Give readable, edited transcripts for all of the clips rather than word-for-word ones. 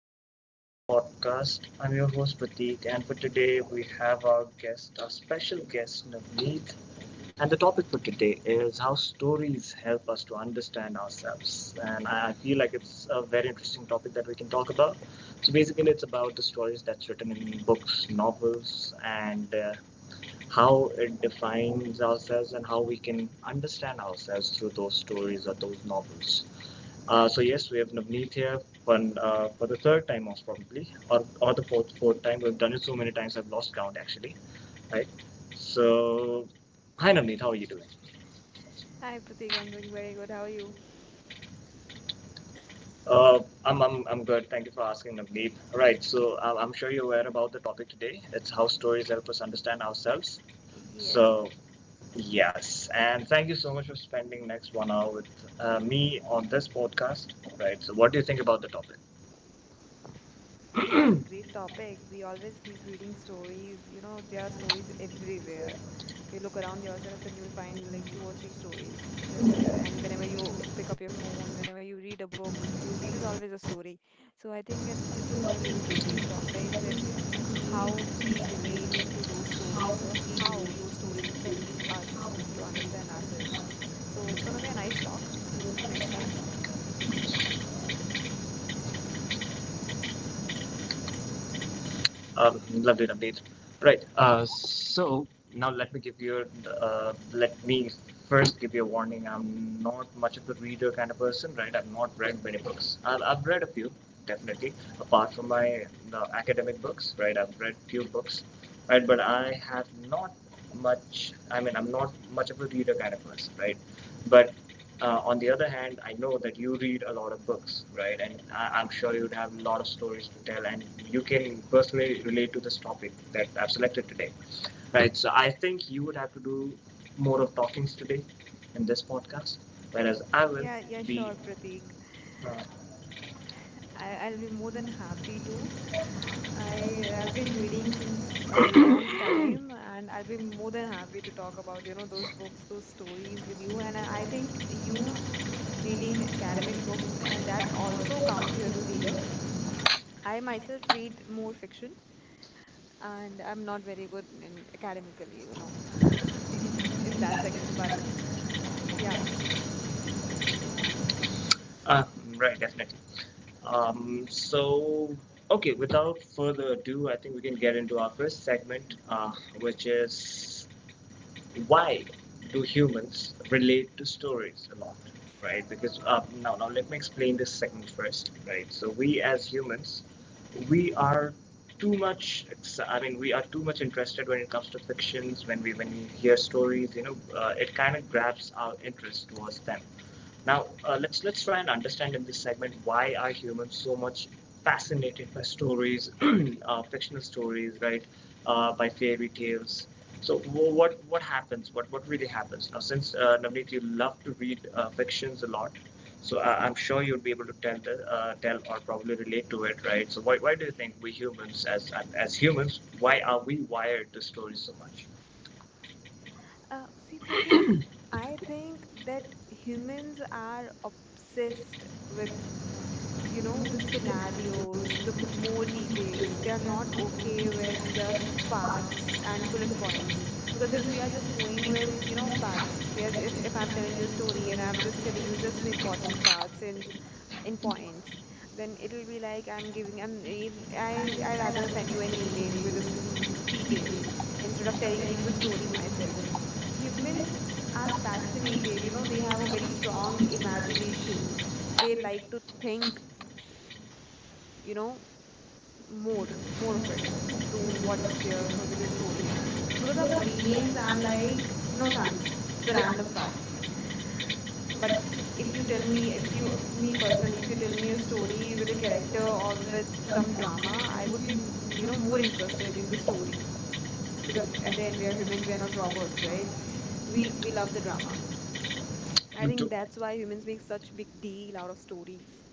to another podcast. I'm your host Pratik, and for today we have our guest, our special guest Navneet. And the topic for today is how stories help us to understand ourselves. And I feel like it's a very interesting topic that we can talk about. So basically, it's about the stories that's written in books, novels, and how it defines ourselves and how we can understand ourselves through those stories or those novels. So yes, we have Navneet here one, for the third time most probably, or the fourth time. We've done it so many times, I've lost count actually, right? So, hi Navneet, how are you doing? Hi, Pratik. I'm doing very good. How are you? I'm good. Thank you for asking, Navneet. Right, so I'm sure you're aware about the topic today. It's how stories help us understand ourselves. Yes, So, yes, and thank you so much for spending next 1 hour with me on this podcast. Right, so what do you think about the topic? I think it's a great topic. We always keep reading stories. You know, there are stories everywhere. You look around yourself and you'll find like two or three stories just there. And whenever you pick up your phone, whenever you read a book, there's always a story. So I think it's a really interesting topic, that how we relate to those stories or how those stories help us to understand ourselves. So it's gonna be a nice talk, nice chat. Lovely, lovely. Right. So now let me give you. Let me first give you a warning. I'm not much of a reader kind of person, right? I've not read many books. I've read a few, definitely, apart from my the academic books, right? I've read few books, right? But I have not much, I mean, I'm not much of a reader kind of person, right? But on the other hand, I know that you read a lot of books, right? And I'm sure you'd have a lot of stories to tell, and you can personally relate to this topic that I've selected today, right? So I think you would have to do more of talkings today in this podcast, whereas I will Yeah, yeah, be. sure, Pratik. uh, I'll be more than happy to. I've been reading since a long time, and I'll be more than happy to talk about, you know, those books, those stories with you. And I think you reading academic books, and that also counts you as a reader. I myself read more fiction, and I'm not very good in academically, you know, in that section. But yeah, Uh, right, definitely. So, okay, without further ado, I think we can get into our first segment, which is, why do humans relate to stories a lot, right? Because now let me explain this segment first, right? So we as humans, we are too much, I mean, we are too much interested when it comes to fictions. When we hear stories, you know, it kind of grabs our interest towards them. Now, let's try and understand in this segment, why are humans so much fascinated by stories, fictional stories, right? By fairy tales. So what happens? What really happens? Now, since Navneet, you love to read fictions a lot, so I'm sure you'll be able to tell or probably relate to it, right? So why do you think we humans as humans, why are we wired to stories so much? See, Pratik, I think that humans are obsessed with, Thank the scenarios, the more details. They are not okay with just facts and bullet points. Because if we are just going with, you know, facts, we are, if I'm telling you a story and I'm just telling you just the important parts, in points, then it'll be like I'm giving, I'm, I rather send you an email with this, details, instead of telling you the story myself. Humans are fascinated, you know, they have a very strong imagination. They you. like to think, you know more more कर of it to what's there for with the story, because our brains are like no thanks to the random facts. But if you tell me if you me personally, if you tell me a story with a character or with some drama, I would be more interested in the story, because at the end, we are humans, we are not robots, right? We love the drama. I दो think that's why humans make such big deal out of stories.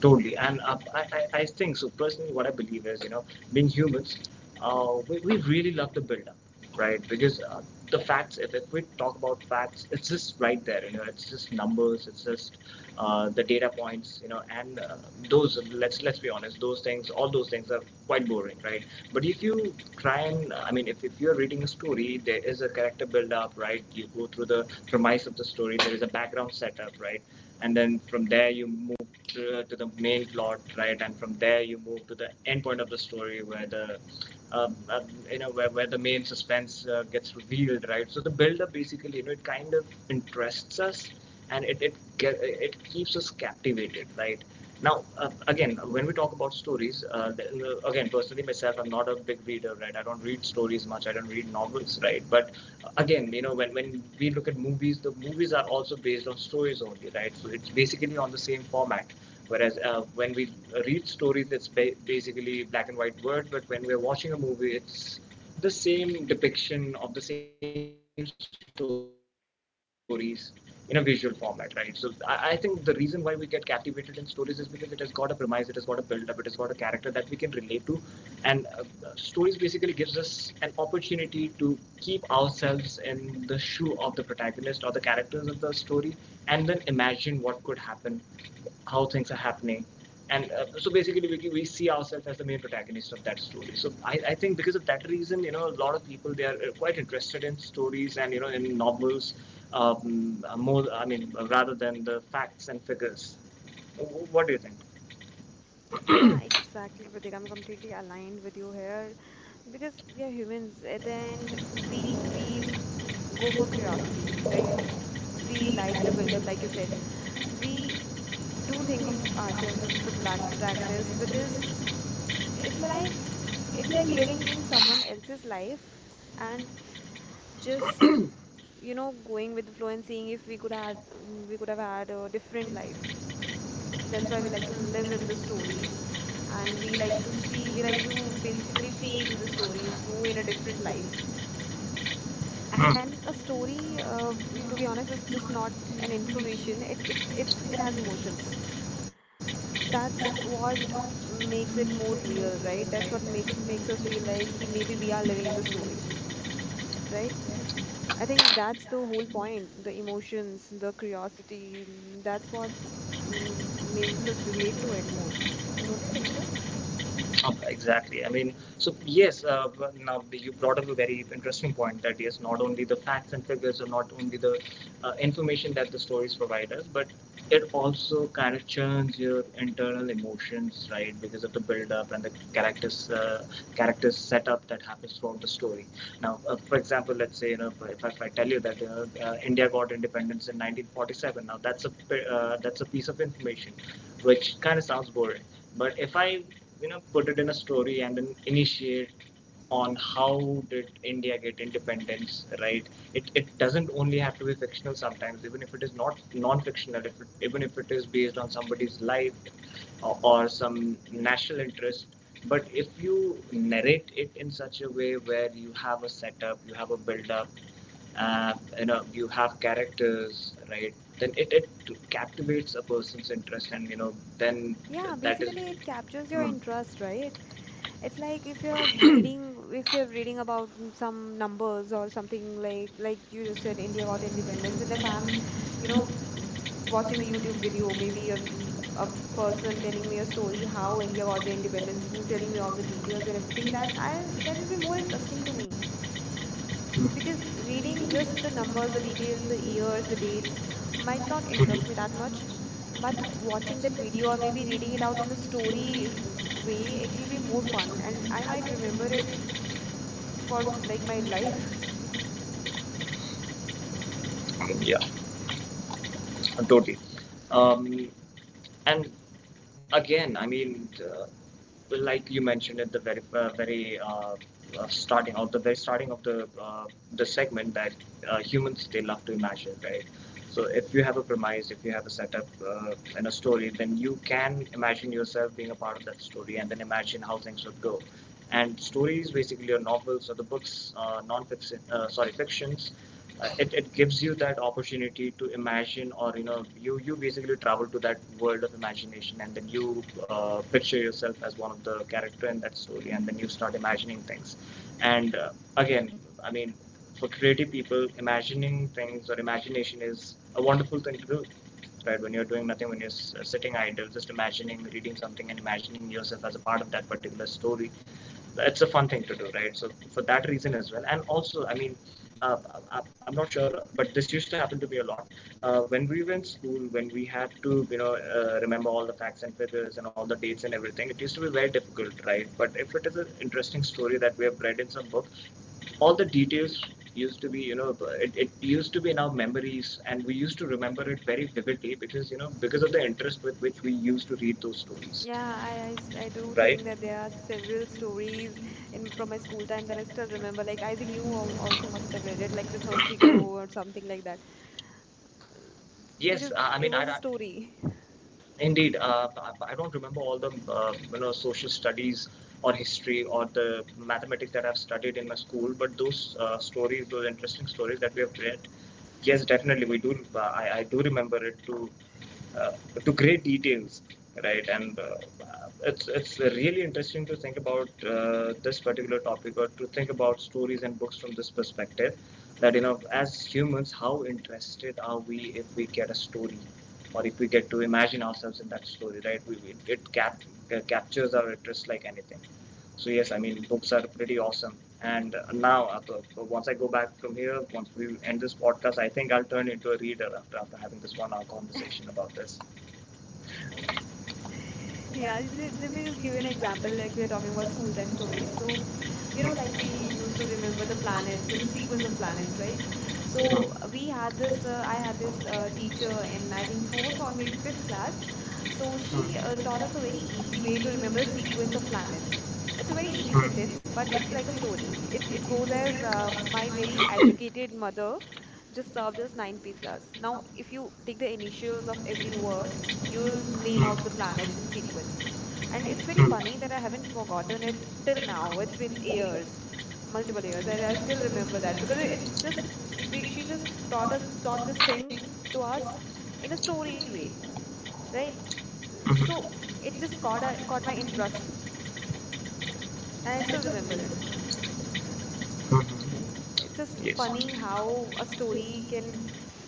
Totally, and I think so. Personally, what I believe is, you know, being humans, we really love the build-up, right? Because the facts, if we talk about facts, it's just right there, you know, it's just numbers, it's just the data points, you know, and those. Let's be honest, those things, all those things are quite boring, right? But if you try, and, I mean, if you're reading a story, there is a character build-up, right? You go through the premise of the story, there is a background setup, right? And then from there you to the main plot, right? And from there you move to the end point of the story, where the um, uh, you know where the main suspense gets revealed, right? So the build-up basically, you know, it kind of interests us, and it keeps us captivated, right? Now, again, when we talk about stories, again, personally myself, I'm not a big reader, right? I don't read stories much. I don't read novels, right? But again, you know, when we look at movies, the movies are also based on stories only, right? So it's basically on the same format. Whereas when we read stories, it's basically black and white word, but when we're watching a movie, it's the same depiction of the same stories in a visual format, right? So I think the reason why we get captivated in stories is because it has got a premise, it has got a build-up, it has got a character that we can relate to, and stories basically gives us an opportunity to keep ourselves in the shoe of the protagonist or the characters of the story, and then imagine what could happen, how things are happening, and so basically we see ourselves as the main protagonist of that story. So I think because of that reason, you know, a lot of people, they are quite interested in stories, and you know, in novels, more, I mean, rather than the facts and figures. What do you think? Yeah, exactly, Pratik, I'm completely aligned with you here, because we are humans at the end. We go for curiosity, right? We like the build up, like you said. We do think of ourselves as the product protagonist, because it's like it's like living in someone It's like, else's life. And just, going with the flow, and seeing if we could have had a different life. That's why we like to it's live in the like stories. And we like to basically feel the stories go in a different life. And Hmm. a story, to be honest, is just not an information. It has emotions. That's what makes it more real, right? That's what makes us feel like, he, maybe we are living in the story, right? I think that's the whole point, the emotions, the curiosity, that's what, makes us relate to it more. Don't you think Thank so? you. Exactly. I mean, so yes, now you brought up a very interesting point, that yes, not only the facts and figures, or not only the information that the stories provide us, but it also kind of churns your internal emotions, right? Because of the build-up and the characters, characters setup that happens throughout the story. Now, for example, let's say, you know, if I tell you that you India got independence in 1947. Now that's a piece of information, which kind of sounds boring. But if I put it in a story and then initiate on how did India get independence, right? It doesn't only have to be fictional sometimes, even if it is not non-fictional, if it, even if it is based on somebody's life, or some national interest. But if you narrate it in such a way where you have a setup, you have a build-up, uh, you know, you have characters, right? Then it captivates a person's interest, and you know, then Yeah, basically it captures your interest, right? It's like if you're reading about some numbers or something, like you just said. India got independence. And if I'm, you know, w- watching a YouTube video, 2 2 2 2 2 2 2 maybe a, 2 2 mm, 2 2 2 a person telling me a story how India got the independence, and telling me all the details and everything, that'll be more interesting to me, because reading just the numbers, the details, the years, the dates might not interest me that much. But watching that video, or maybe reading it out in a story way, it will be more fun, and I might remember it, for like my life. 2 totally. Um, and again, I mean, well, like you mentioned at the very, very, starting of the very starting of the segment, that humans, they love to imagine, right? So if you have a premise, if you have a setup, and a story, then you can imagine yourself being a part of that story, and then imagine how things would go. And stories basically are novels or the books, non-fiction, sorry, fictions, it gives you that opportunity to imagine, or you know, you basically travel to that world of imagination, and then you picture yourself as one of the character in that story, and then you start imagining things. And again, I mean, for creative people, imagining things or imagination is a wonderful thing to do, right? When you're doing nothing, when you're sitting idle, just imagining, reading something and imagining yourself as a part of that particular story, it's a fun thing to do, right? So for that reason as well, and also, I mean, I'm not sure, but this used to happen to me a lot. When we were in school, when we had to, you know, remember all the facts and figures and all the dates and everything, it used to be very difficult, right? But if it is an interesting story that we have read in some book, all the details used to be you know it, it used to be in our memories, and we used to remember it very vividly, because, you know, because of the interest with which we used to read those stories, Yeah, I do right. think that there are several stories in from my school time that I still remember. Like I think you also must have read it, like The Thirsty Crow or something like that, yes because I it mean was I a story. Indeed, I don't remember all the you know, social studies or history or the mathematics that I've studied in my school, but those stories, those interesting stories that we have read, yes, definitely we do. I do remember it to uh, great details, right? And it's really interesting to think about this particular topic, or to think about stories and books from this perspective. That you know, as humans, how interested are we if we get a story? Or if we get to imagine ourselves in that story, right? We, it cap, captures our interest like anything. So yes, I mean, books are pretty awesome. And now, so once I go back from here, once we end this podcast, I think I'll turn into a reader after having this 1-hour conversation about this. Yeah, let me just give you an example. Like we are talking about school time stories. So, you know, like we Yeah. used to remember the planets, the sequence of planets, right? So we had this I had this teacher in, I think, fourth or maybe fifth class. So she, taught us a very easy way to remember the sequence of planets. It's a very easy sentence, but it's like a story, it goes as, my very educated mother just served us nine pizzas. Now if you take the initials of every word, you'll name out the planets in sequence. And it's very funny that I haven't forgotten it till now. It's been years, multiple years, and I still remember that because she just taught this thing to us in a story way, right? So it Mhm. just caught my interest, and I still remember it. Mhm. It's just Yes. funny how a Mhm. story can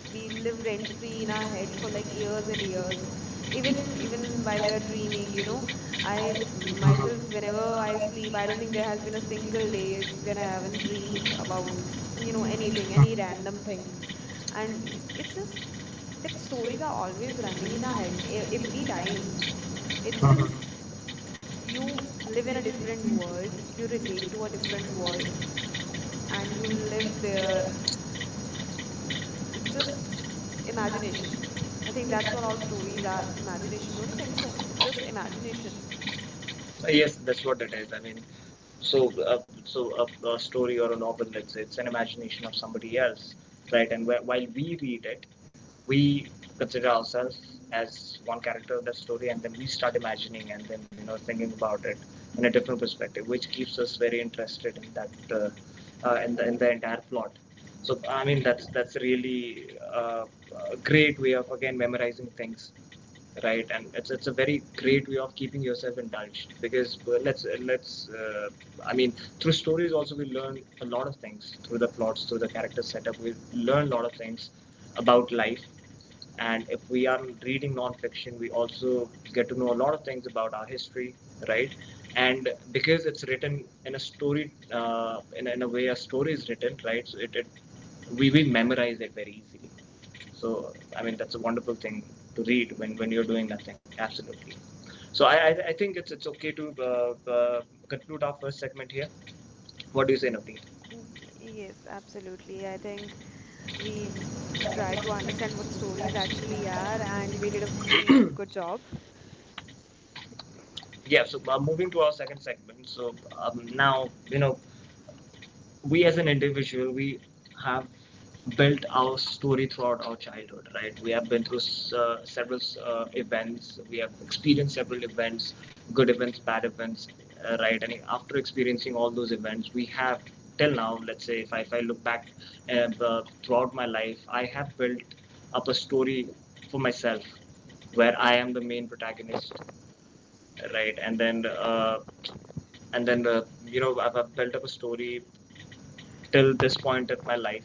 be live rent free in our head for like years and years. Even while we're dreaming, I myself whenever I sleep, I don't think there has been a single day when I haven't dreamed about, anything, any random thing. And it's just that stories are always running in our head every time. It just you live in a different Mhm. world, you relate to a different world, Mhm. and you live there. It just imagination. I think that's what all stories are, imagination. Don't you think so? It's just imagination. Yes, that's what it is. So a story or a novel, let's say it's an imagination of somebody else, right, and while we read it, we consider ourselves as one character of that story, and then we start imagining and then, thinking about it in a different perspective, which keeps us very interested in that, in the entire plot. So I mean, that's really a great way of again memorizing things, right. And it's a very great way of keeping yourself indulged, because well, let's I mean, through stories also we learn a lot of things, through the plots, through the character setup, we learn a lot of things about life. And if we are reading non-fiction, we also get to know a lot of things about our history, right. And because it's written in a story, in a way a story is written, right, so it we will memorize it very easily. So, I mean, that's a wonderful thing to read when, you're doing nothing. Absolutely. So, I think it's okay to uh, uh, conclude our first segment here. What do you say, Navdeep? Y- Yes, absolutely. I think we tried to understand what stories actually are, and we did a pretty good job. Yeah, so moving to our second segment. So, now, we as an individual, we have built our story throughout our childhood, right. We have been through several events, we have experienced several events, good events, bad events, right. And after experiencing all those events we have, till now, let's say, if I look back, throughout my life I have built up a story for myself, where I am the main protagonist, right. And then I've built up a story till this point of my life,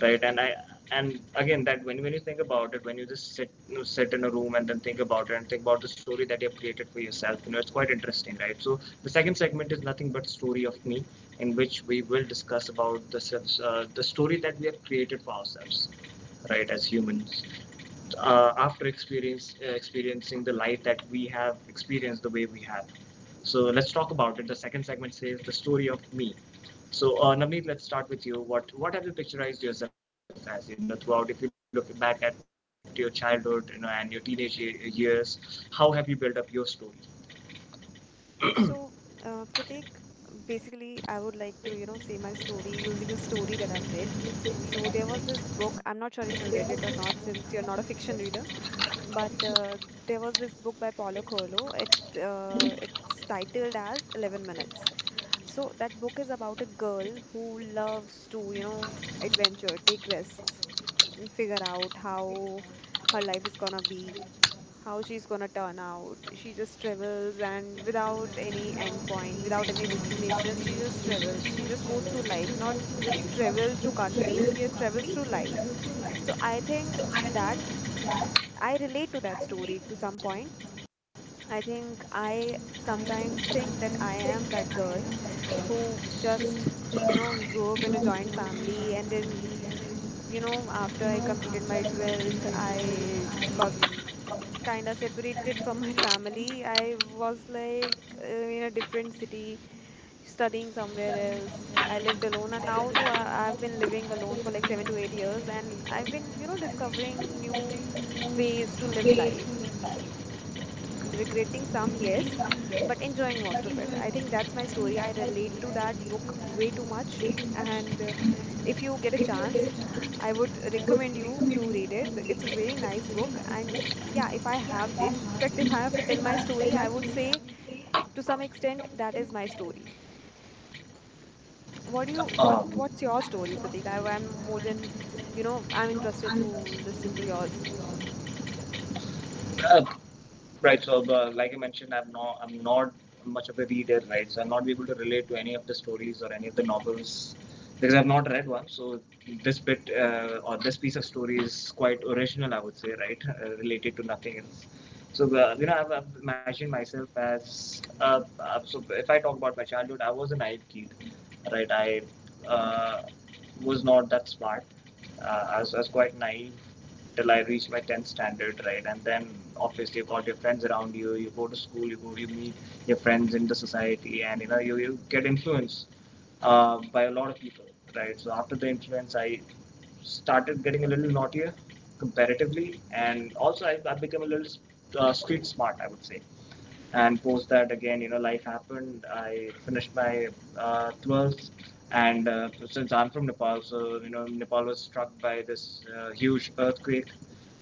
right. And i and again, that when you think about it, when you just sit, sit in a room and then think about it, and think about the story that you have created for yourself, it's quite interesting, right. So the second segment is nothing but story of me, in which we will discuss about the the story that we have created for ourselves, right, as humans, after experience experiencing the life that we have experienced the way we have. So let's talk about it. The second segment says the story of me. So, Navneet, let's start with you. What have you picturized yourself as? You know, throughout, if you look back at your childhood, and your teenage years, how have you built up your story? So, Pratik, basically, I would like to, say my story using a story that I've read. So, there was this book, I'm not sure if you've read it or not, since you're not a fiction reader, but there was this book by Paulo Coelho. It's titled as 11 Minutes. So that book is about a girl who loves to, adventure, take risks, and figure out how her life is gonna be, how she's gonna turn out. She just travels, and without any endpoint, without any destination, she just travels. She just goes through life, not just travel through countries, she travels through life. So I think that I relate to that story to some point. I think I sometimes think that I am that girl who just, grew up in a joint family, and then, after I completed my 12th, I got kind of separated from my family. I was like, in a different city studying somewhere else. I lived alone, and now, though, I've been living alone for like 7 to 8 years, and I've been discovering new ways to live Ways. life, regretting some, yes, but enjoying most of it. I think that's my story. I relate to that book way too much. And if you get a chance, I would recommend you to read it. It's a very nice book. And yeah, if I have, in fact, if I have to tell my story, I would say to some extent, that is my story. What's your story, Pratik? I'm more than, I'm interested to listen to yours. Um, uh, Right. So, like I mentioned, I'm not much of a reader, right? So I'll not be able to relate to any of the stories or any of the novels, because I've not read one. So this bit, or this piece of story, is quite original, I would say, right? Related to nothing else. So, I've imagined myself as, so. If I talk about my childhood, I was a naive kid, right. I uh, was not that smart, I was quite naive till I reached my 10th standard, right. And then, obviously, you got your friends around you, you go to school, you meet your friends in the society, and you get influenced by a lot of people, right. So after the influence I started getting a little naughtier comparatively, and also I've become a little street smart, I would say. And post that, again, life happened, I finished my 12th. And since I'm from Nepal, so Nepal was struck by this huge earthquake.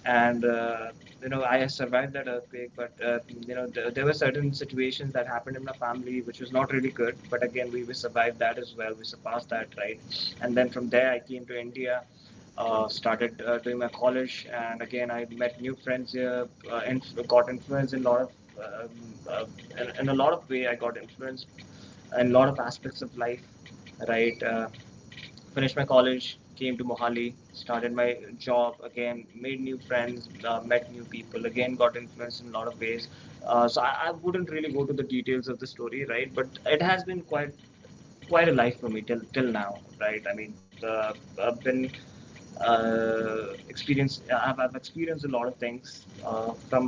And I survived that earthquake, but there were certain situations that happened in my family which was not really good, but again, we survived that as well, we surpassed that, right. And then from there I came to India, started doing my college, and again I met new friends here, and got influenced in a lot of, um, uh, way. I got influenced in a lot of aspects of life. Right, finished my college, came to Mohali, started my job again, made new friends, met new people, again got influenced in a lot of ways. So I wouldn't really go to the details of the story, right? But it has been quite a life for me, till now, right? I mean, I've been I've experienced a lot of things, from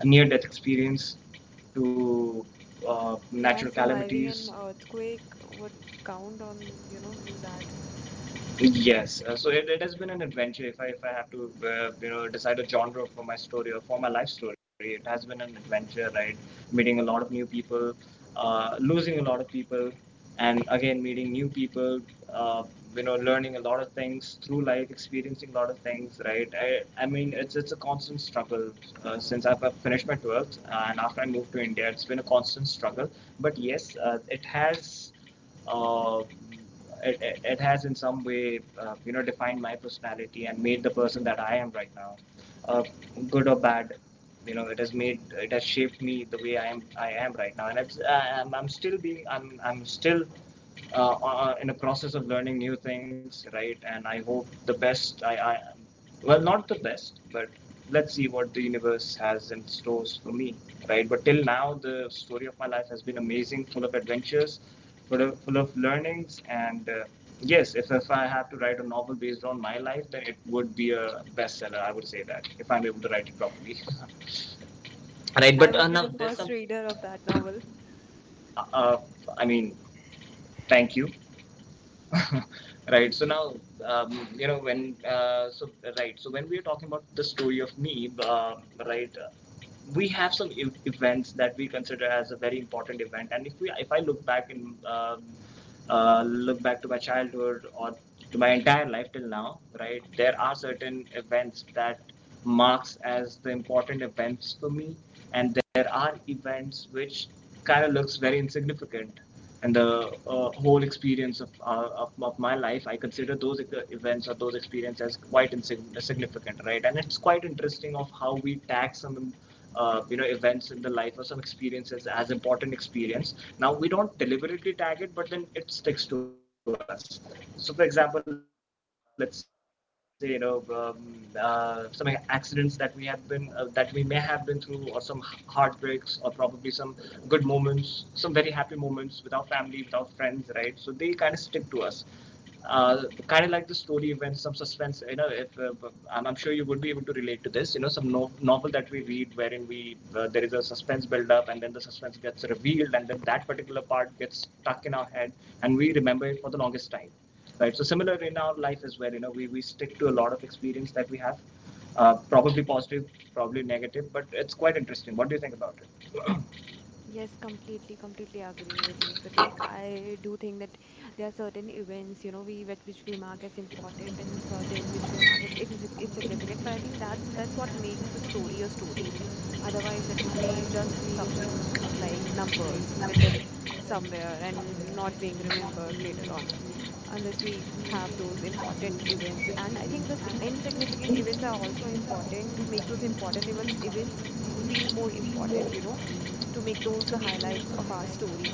a near-death experience to Yeah, natural surviving calamities. an earthquake would count on, in that. Yes, so it has been an adventure. If I have to decide a genre for my story or for my life story, it has been an adventure, right? Meeting a lot of new people, losing a lot of people, and again meeting new people. Uh, learning a lot of things through life, experiencing a lot of things, right? I mean, it's a constant struggle, since I've finished my 12th, and after I moved to India, it's been a constant struggle. But yes, uh, it has in some way, defined my personality and made the person that I am right now, uh, good or bad. You know it has made, it has shaped me the way I am right now, and it's I- am I'm still being I'm still, in a process of learning new things, right. And I hope the best. I Well, not the best, but let's see what the universe has in stores for me, right. But till now, the story of my life has been amazing, full of adventures, full of learnings, and yes, if I had to write a novel based on my life, then it would be a bestseller, I would say that, if I'm able to write it properly. Right, I but would be now, the first reader of that novel. uh, I mean, thank you. Right, so now, you know when so right, so when we are talking about the story of me, right uh, we have some events that we consider as a very important event, and if we if I look back to my childhood, or to my entire life till now, right, there are certain events that marks as the important events for me, and there are events which kind of looks very insignificant. And the whole experience of my life, I consider those events or those experiences quite insignificant, right? And it's quite interesting of how we tag some, events in the life or some experiences as important experience. Now we don't deliberately tag it, but then it sticks to us. So, for example, let's say, some accidents that we have been that we may have been through, or some heartbreaks, or probably some good moments, some very happy moments with our family, with our friends, right? So they kind of stick to us. Kind of like the story events, some suspense. You know, if I'm sure you would be able to relate to this. You know, some novel that we read, wherein we there is a suspense build up, and then the suspense gets revealed, and then that particular part gets stuck in our head, and we remember it for the longest time, right? So similar in our life as well. You know, we stick to a lot of experience that we have, probably positive, probably negative, but it's quite interesting. What do you think about it? Yes, completely, completely agree with you, Pratik. I do think that there are certain events, you know, we which we mark as important, and certain which we mark as insignificant. But I think that's what makes a story a story. Otherwise, it would be just something like numbers written somewhere and not being remembered later on, unless we have those important events. And I think the insignificant events are also important to make those important events feel more important, to make those the highlights of our story.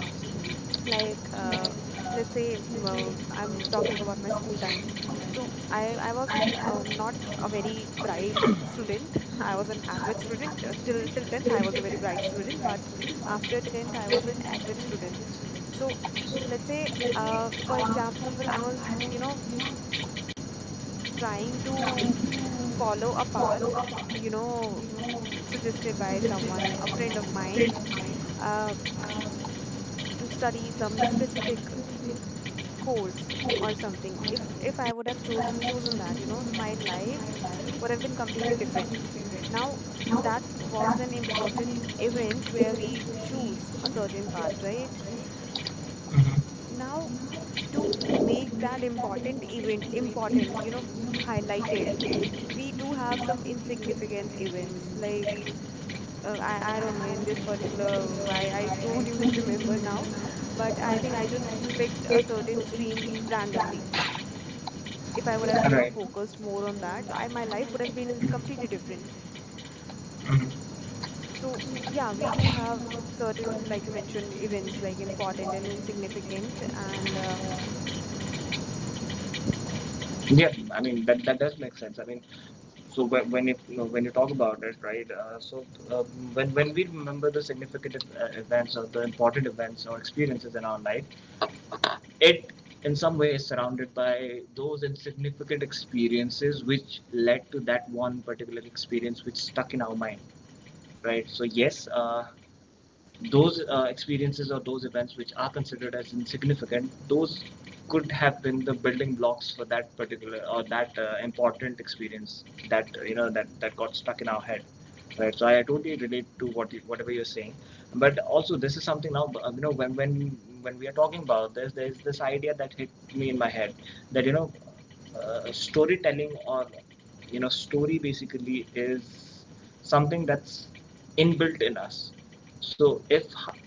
I was from Karnataka. I was a Like, student. I was a let's say, I'm talking about my school time. So, I was an, not a very bright student. I was an average student, till 10th. I was a very bright graduate. I student, but was in after 10th, I was an Tamil average Nadu. student. So Actually, let's say, our for example, I was, family, trying to follow a path you know suggested by someone, a friend of mine, uh, I to study was some born in specific Bangalore. course or something. If if So i would have I'm not losing to chosen chosen manage my that, life, my life would have been but it completely will come different now. different. Now, That was an that wasn't important in the way event where it's where we really choose a certain a path, first right? part, right? Now, Now, make to make that that important event important important, important, you know, highlighted, higher grade. we do have These some are the insignificant insignificant events events, like like, uh, I I, I don't know in this don't know, particular why I why I don't even don't even remember remember now, but now, I but think I I think just I picked just a picked a certain certain stream thing randomly. randomly. If I would have, Right. focused more on that, I my life would have been completely different. Mhm. So yeah, we do have certain, like you mentioned, events like important and insignificant, and Yeah, I mean that does make sense. I mean, so when if you know, when you talk about it, right? Uh, when we remember the significant events or the important events or experiences in our life, it in some way is surrounded by those insignificant experiences which led to that one particular experience which stuck in our mind, right? So yes, those experiences or those events which are considered as insignificant, those could have been the building blocks for that particular or that important experience that got stuck in our head, right? So I totally relate to whatever you're saying. But also this is something now, you know, when we are talking about this, there's this idea that hit me in my head that you know, storytelling or you know, story basically is something that's inbuilt in us. So if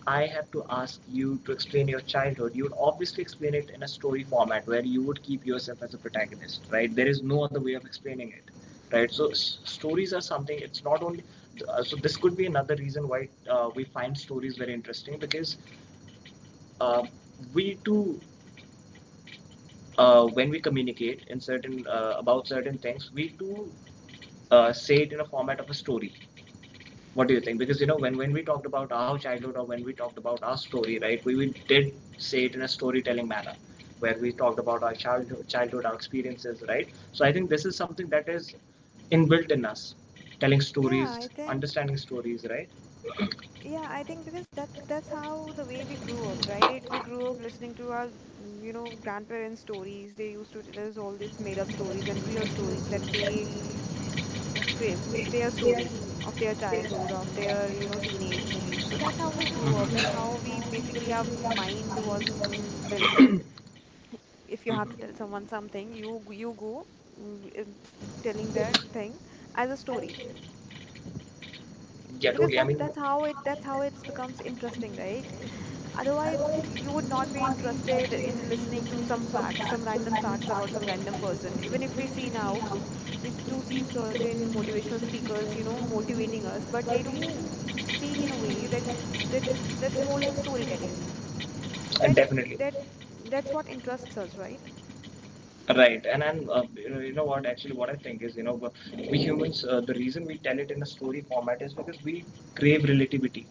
I have to ask you to explain your childhood, you would obviously explain it in a story format where you would keep yourself as a protagonist, right? There is no other way of explaining it, right? So stories are something, it's not only so this could be another reason why we find stories very interesting, because uh, we too, when we communicate in certain about certain things, we too, say it in a format of a story. What do you think? Because you know, when we talked about our childhood or when we talked about our story, right, we did say it in a storytelling manner, where we talked about our childhood, our experiences, right? So I think this is something that is inbuilt in us: telling yeah stories, I think understanding stories, right? Yeah, I think because that's how the way we grew up, right? We grew up listening to our, you know, grandparents' stories. They used to tell us all these made-up stories and real stories that they, w- fa- mm, their stories of their childhood, of their, you know, teenage. So that's how we grew up. That's how we basically our mind was, built. Mhm. If you have to Mm-hmm. tell someone something, you go, mm, in- telling that thing as a story, Yeah, because totally. I that mean, that's how it, that's how it's becomes interesting, right? Otherwise, otherwise, you would you not will be not be interested in interested in listening to listening to some some facts, some factual random madness facts about after some what random madness person. was Even if there. Even we if see we see now, now, we do if two see people have certain been in motivational relationship, speakers, there you know, is no movie motivating making, us, but but they do we don't see speak the in a way movie, that that like, that's there's, more like there's storytelling. no. That Definitely. that There's that's what no interests us, right? interest. Right, and you know, you know what? Actually, what I think is, you know, we humans, the reason we tell it in a story format is because we crave relativity,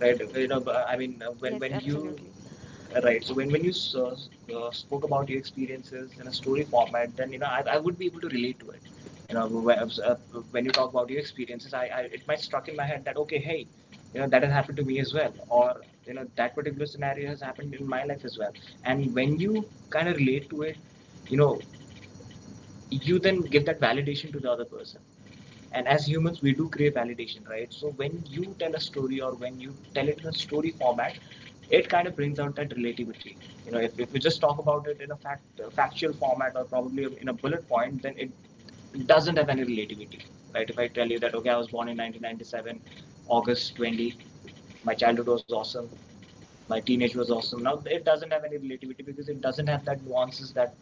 right? You know, I mean, uh, when Yes, when you absolutely. Right. So when you spoke about your experiences in a story format, then you know, I would be able to relate to it. You know, when you talk about your experiences, I, it might struck in my head that okay, hey, you know, that has happened to me as well, or you know, that particular scenario has happened in my life as well. And when you kind of relate to it, you know, you then give that validation to the other person. And as humans, we do crave validation, right? So when you tell a story or when you tell it in a story format, it kind of brings out that relativity. You know, if you just talk about it in a fact factual format or probably in a bullet point, then it doesn't have any relativity. Right, if I tell you that, okay, I was born in 1997 august 20th, my childhood was awesome, my teenage was awesome, now it doesn't have any relativity because it doesn't have that nuances that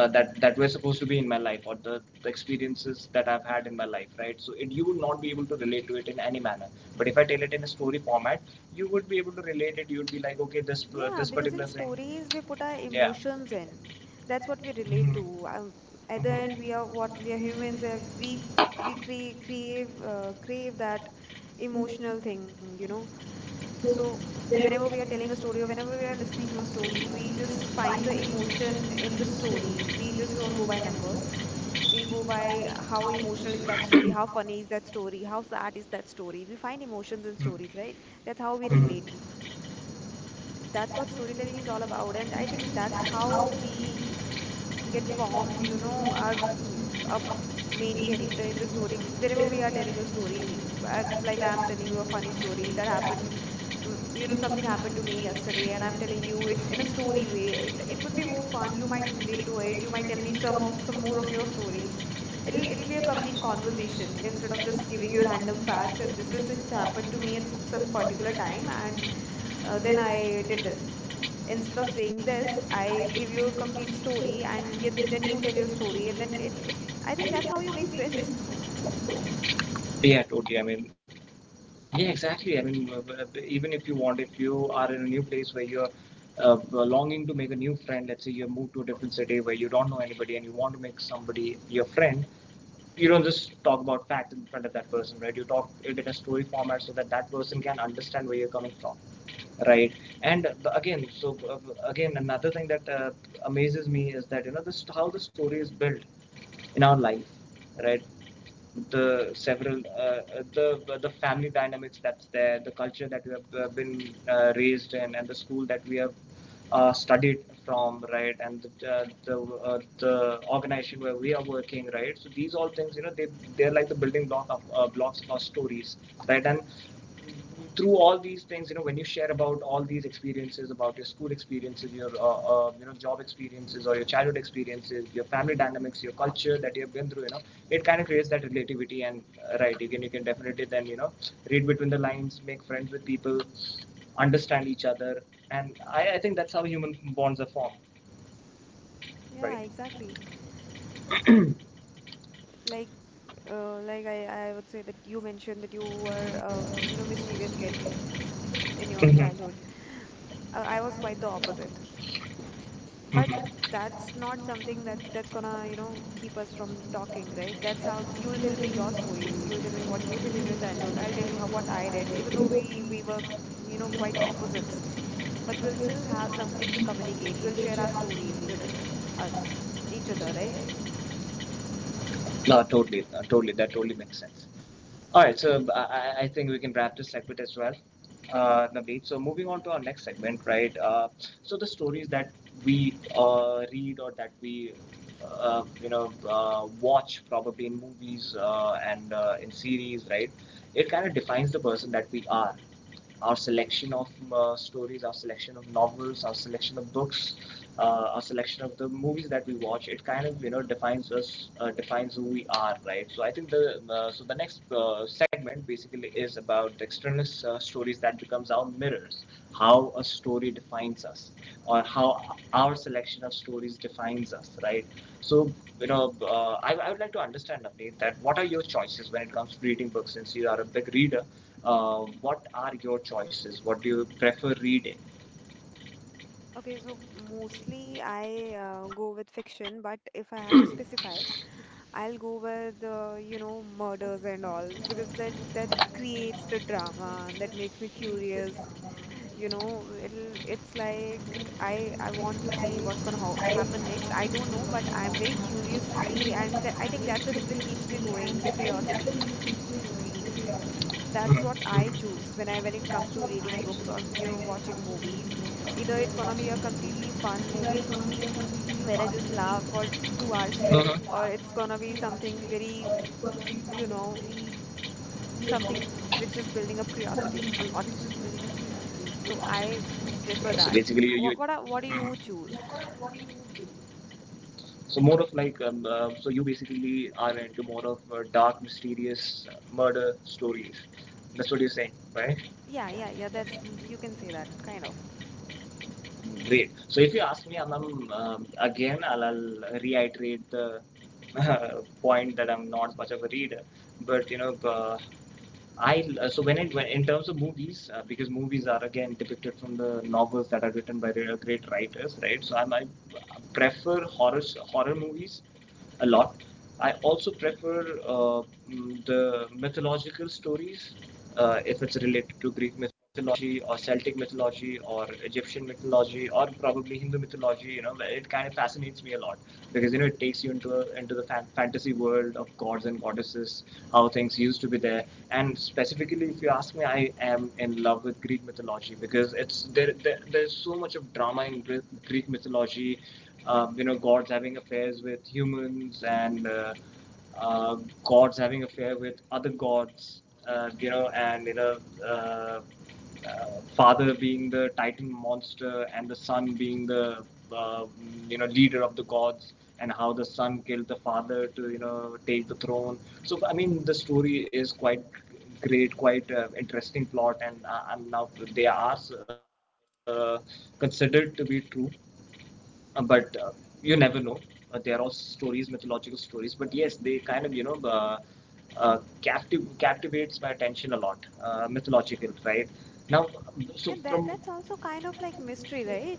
were supposed to be in my life, or the experiences that I've had in my life, right? So it, you would not be able to relate to it in any manner. But if I tell it in a story format, you would be able to relate it. You would be like, okay, this Yeah, this because in particular stories we put our yeah. emotions in. That's what we relate to. At the end, we are what we are, humans. We crave, crave that emotional thing, you know. So So whenever there we are was telling a story or whenever we a are listening to a thing, we story, we just just find find the the emotion emotion in the in the story. We just find story. We just it. don't We go by numbers. We go by how emotional is that story, how funny is that story, how sad is that story. We find emotions in stories, right? That's how we hmm. relate. That's That's what what storytelling is all about, and I think we, that's that's how we get how we on, you get know, formed, you know, our, our use of main being able character in the story to, whenever we still are we are telling a story. able to, as I, well as, you know, like, there are, I'm telling finding you a funny story stories. that They're happened, happening. You You know, know, something something happened to me happening yesterday, and I'm yesterday. telling So, you it if in a you story way, it would be do more fun, fun. You you might might relate break to over it, it, you you might might tell me then come some more up of with your stories. some more of those stories. It, it's It'll be a a complete funny conversation conversation, instead of instead of just giving just you giving random it back, facts that this this has is happened happening, to to me me. at It's some important, particular time, and, and uh, then I did this. Instead of saying it's this, that I I give you a feel from complete the story, story and y and can then you bring tell it your in a story, and story, and then then it I I think think that's how that's you make friends. why we win. Yeah, totally. I mean, yeah, exactly. I mean, even if you want, if you are in a new place where you're longing to make a new friend, let's say you move to a different city where you don't know anybody and you want to make somebody your friend, you don't just talk about facts in front of that person, right? You talk it in a story format so that that person can understand where you're coming from, right? And again, so again, another thing that amazes me is that you know, this how the story is built in our life, right? The several the family dynamics that's there, the culture that we have been raised in, and the school that we have studied from, right, and the the organization where we are working, right. So these all things, you know, they, they're like the building block of blocks of our stories, right, and through all these things, you know, when you share about all these experiences, about your school experiences, your you know, job experiences, or your childhood experiences, your family dynamics, your culture that you have been through, you know, it kind of creates that relativity. And right. You can, you can definitely then you know, read between the lines, make friends with people, understand each other, and I think that's how human bonds are formed, Yeah, right? exactly. Like, like I would say that you mentioned that you were, you know, mischievous kid in your Hmm. childhood. I was quite the opposite. But Mhm. that's not something that that's gonna, you know, keep us from talking, right? That's how you'll tell me your stories. You'll tell me what you did in your childhood. I'll tell you how what I did, even though we were, you know, quite opposites. But we'll still have something to communicate. We'll share our stories with, us, each other, right? No, totally, no, totally, that totally makes sense. All right, so I think we can wrap this segment as well, Navneet. So moving on to our next segment, right? So the stories that we read or that we, you know, watch probably in movies and in series, right? It kind of defines the person that we are. Our selection of stories, our selection of novels, our selection of books, our selection of the movies that we watch, it kind of, you know, defines us, defines who we are, right? So I think the so the next segment basically is about the external stories that becomes our mirrors, how a story defines us, or how our selection of stories defines us, right? So, you know, I would like to understand, Navneet, that what are your choices when it comes to reading books? Since you are a big reader, what are your choices? What do you prefer reading? Okay, so mostly I go with fiction, but if I have to specify, I'll go with, you know, murders and all, because that creates the drama and that makes me curious. You know, it'll, it's like I want to see what's gonna ho happen next. I don't know, but I'm very curious to see, and th I think that's the thing that keeps me going, the curiosity. That's Mhm, what I mhm. choose when I when it comes That's to what reading I do books or, when you I know, get a watching copy of movies. the Either it's video, gonna be a completely watching fun movies. You know, movie it's only a completely where I fun just laugh for movie. There's 2 hours mhm. Loud straight, noise or it's gonna be to watch something it, very, or it's going to be you something know, very, you something which know, is building up curiosity something which a is lot. very interesting to So I watch. prefer Yeah, so that. basically, you What do you mhm. choose? What do you do? So more of like so you basically are into more of dark, mysterious murder stories. That's what you're saying, right? Yeah, That's you can say that, kind of. Great. So if you ask me, Anam, again, I'll reiterate the point that I'm not much of a reader, but you know, I so when it when, in terms of movies, because movies are again depicted from the novels that are written by great writers, right? So I prefer horror movies a lot. I also prefer uh, the mythological stories, if it's related to Greek mythology or Celtic mythology or Egyptian mythology or probably Hindu mythology. You know, it kind of fascinates me a lot because you know, it takes you into into the fantasy world of gods and goddesses, how things used to be there. And specifically, if you ask me, I am in love with Greek mythology because it's there. There there's so much of drama in Greek mythology. You know, gods having affairs with humans and uh, gods having affair with other gods, you know, and you know, uh, uh, father being the titan monster and the son being the uh, you know, leader of the gods, and how the son killed the father to, you know, take the throne. So I mean, the story is quite great, quite interesting plot, and I now they are considered to be true. But you never know. They are all stories, mythological stories. But yes, they kind of, you know, captivates my attention a lot. Mythological, right? Now, so Yeah, that from that's also kind of like mystery, right?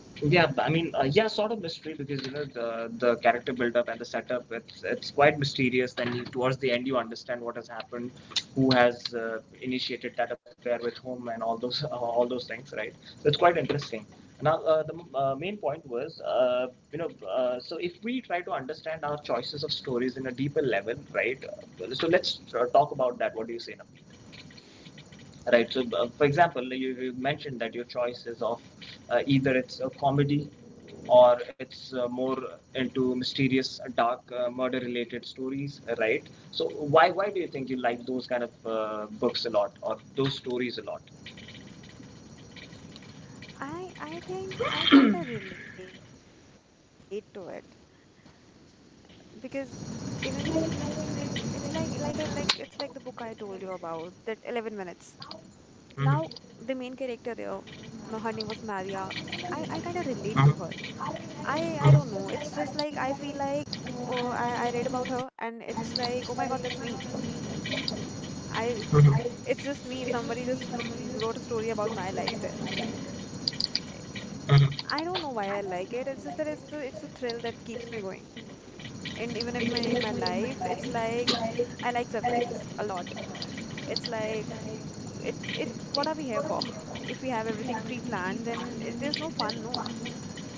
yeah, I mean, yeah, sort of mystery because you know, the character build up and the setup. It's quite mysterious. Then you, towards the end, you understand what has happened, who has initiated that affair with whom, and all those all those things, right? So it's quite interesting. Now, the main point was, so if we try to understand our choices of stories in a deeper level, right? So let's talk about that. What do you say, now? Right, so for example you mentioned that your choice is of either it's a comedy or it's more into mysterious dark murder related stories, right? So why do you think you like those kind of books a lot, or those stories a lot? I, think I kind of relate to it, because even It's like I like it's like the book I told you about, that 11 minutes. Now, the main Mhm. character there, her name was Maria. I kind of relate to her. Mhm. I I don't know. It's just like I feel Mhm. like, oh, I read about her, and it's like, oh my God, that's me. I It's just me. Somebody just wrote a story about my life there. Mhm. I don't know why I like it. It's just that it's it's a thrill that keeps me going. And even if my in my life, it's like I like surprises a lot. It's like, it what are we here for? If we Mhm. have everything pre-planned, then there's no fun. Mm. No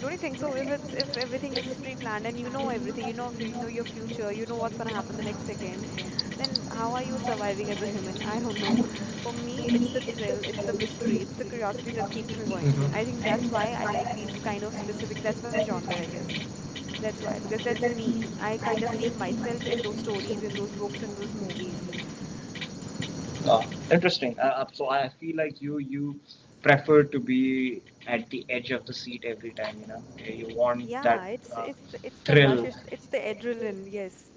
Don't you think so? If it's if everything is just pre-planned, and you know everything, you know, if you you know your future, you know what's going to happen the next second, then how are you surviving as a human? I don't know. For me, it's the thrill, it's the mystery, it's the curiosity that keeps me going. I Mhm. think I think that's why that's I like these kind of specific, that's that's my why see genre, I kind of guess. music. That's why, That's my because genre. that's That's me. I my kind of genre. see That's me. In myself in myself. those In stories, in social those books, in those movies. music. Oh, interesting. So I feel like you prefer to be at the edge of the seat every time. You know, you want that Yeah, it's uh, it's the rush, thrill. It's the adrenaline, yes.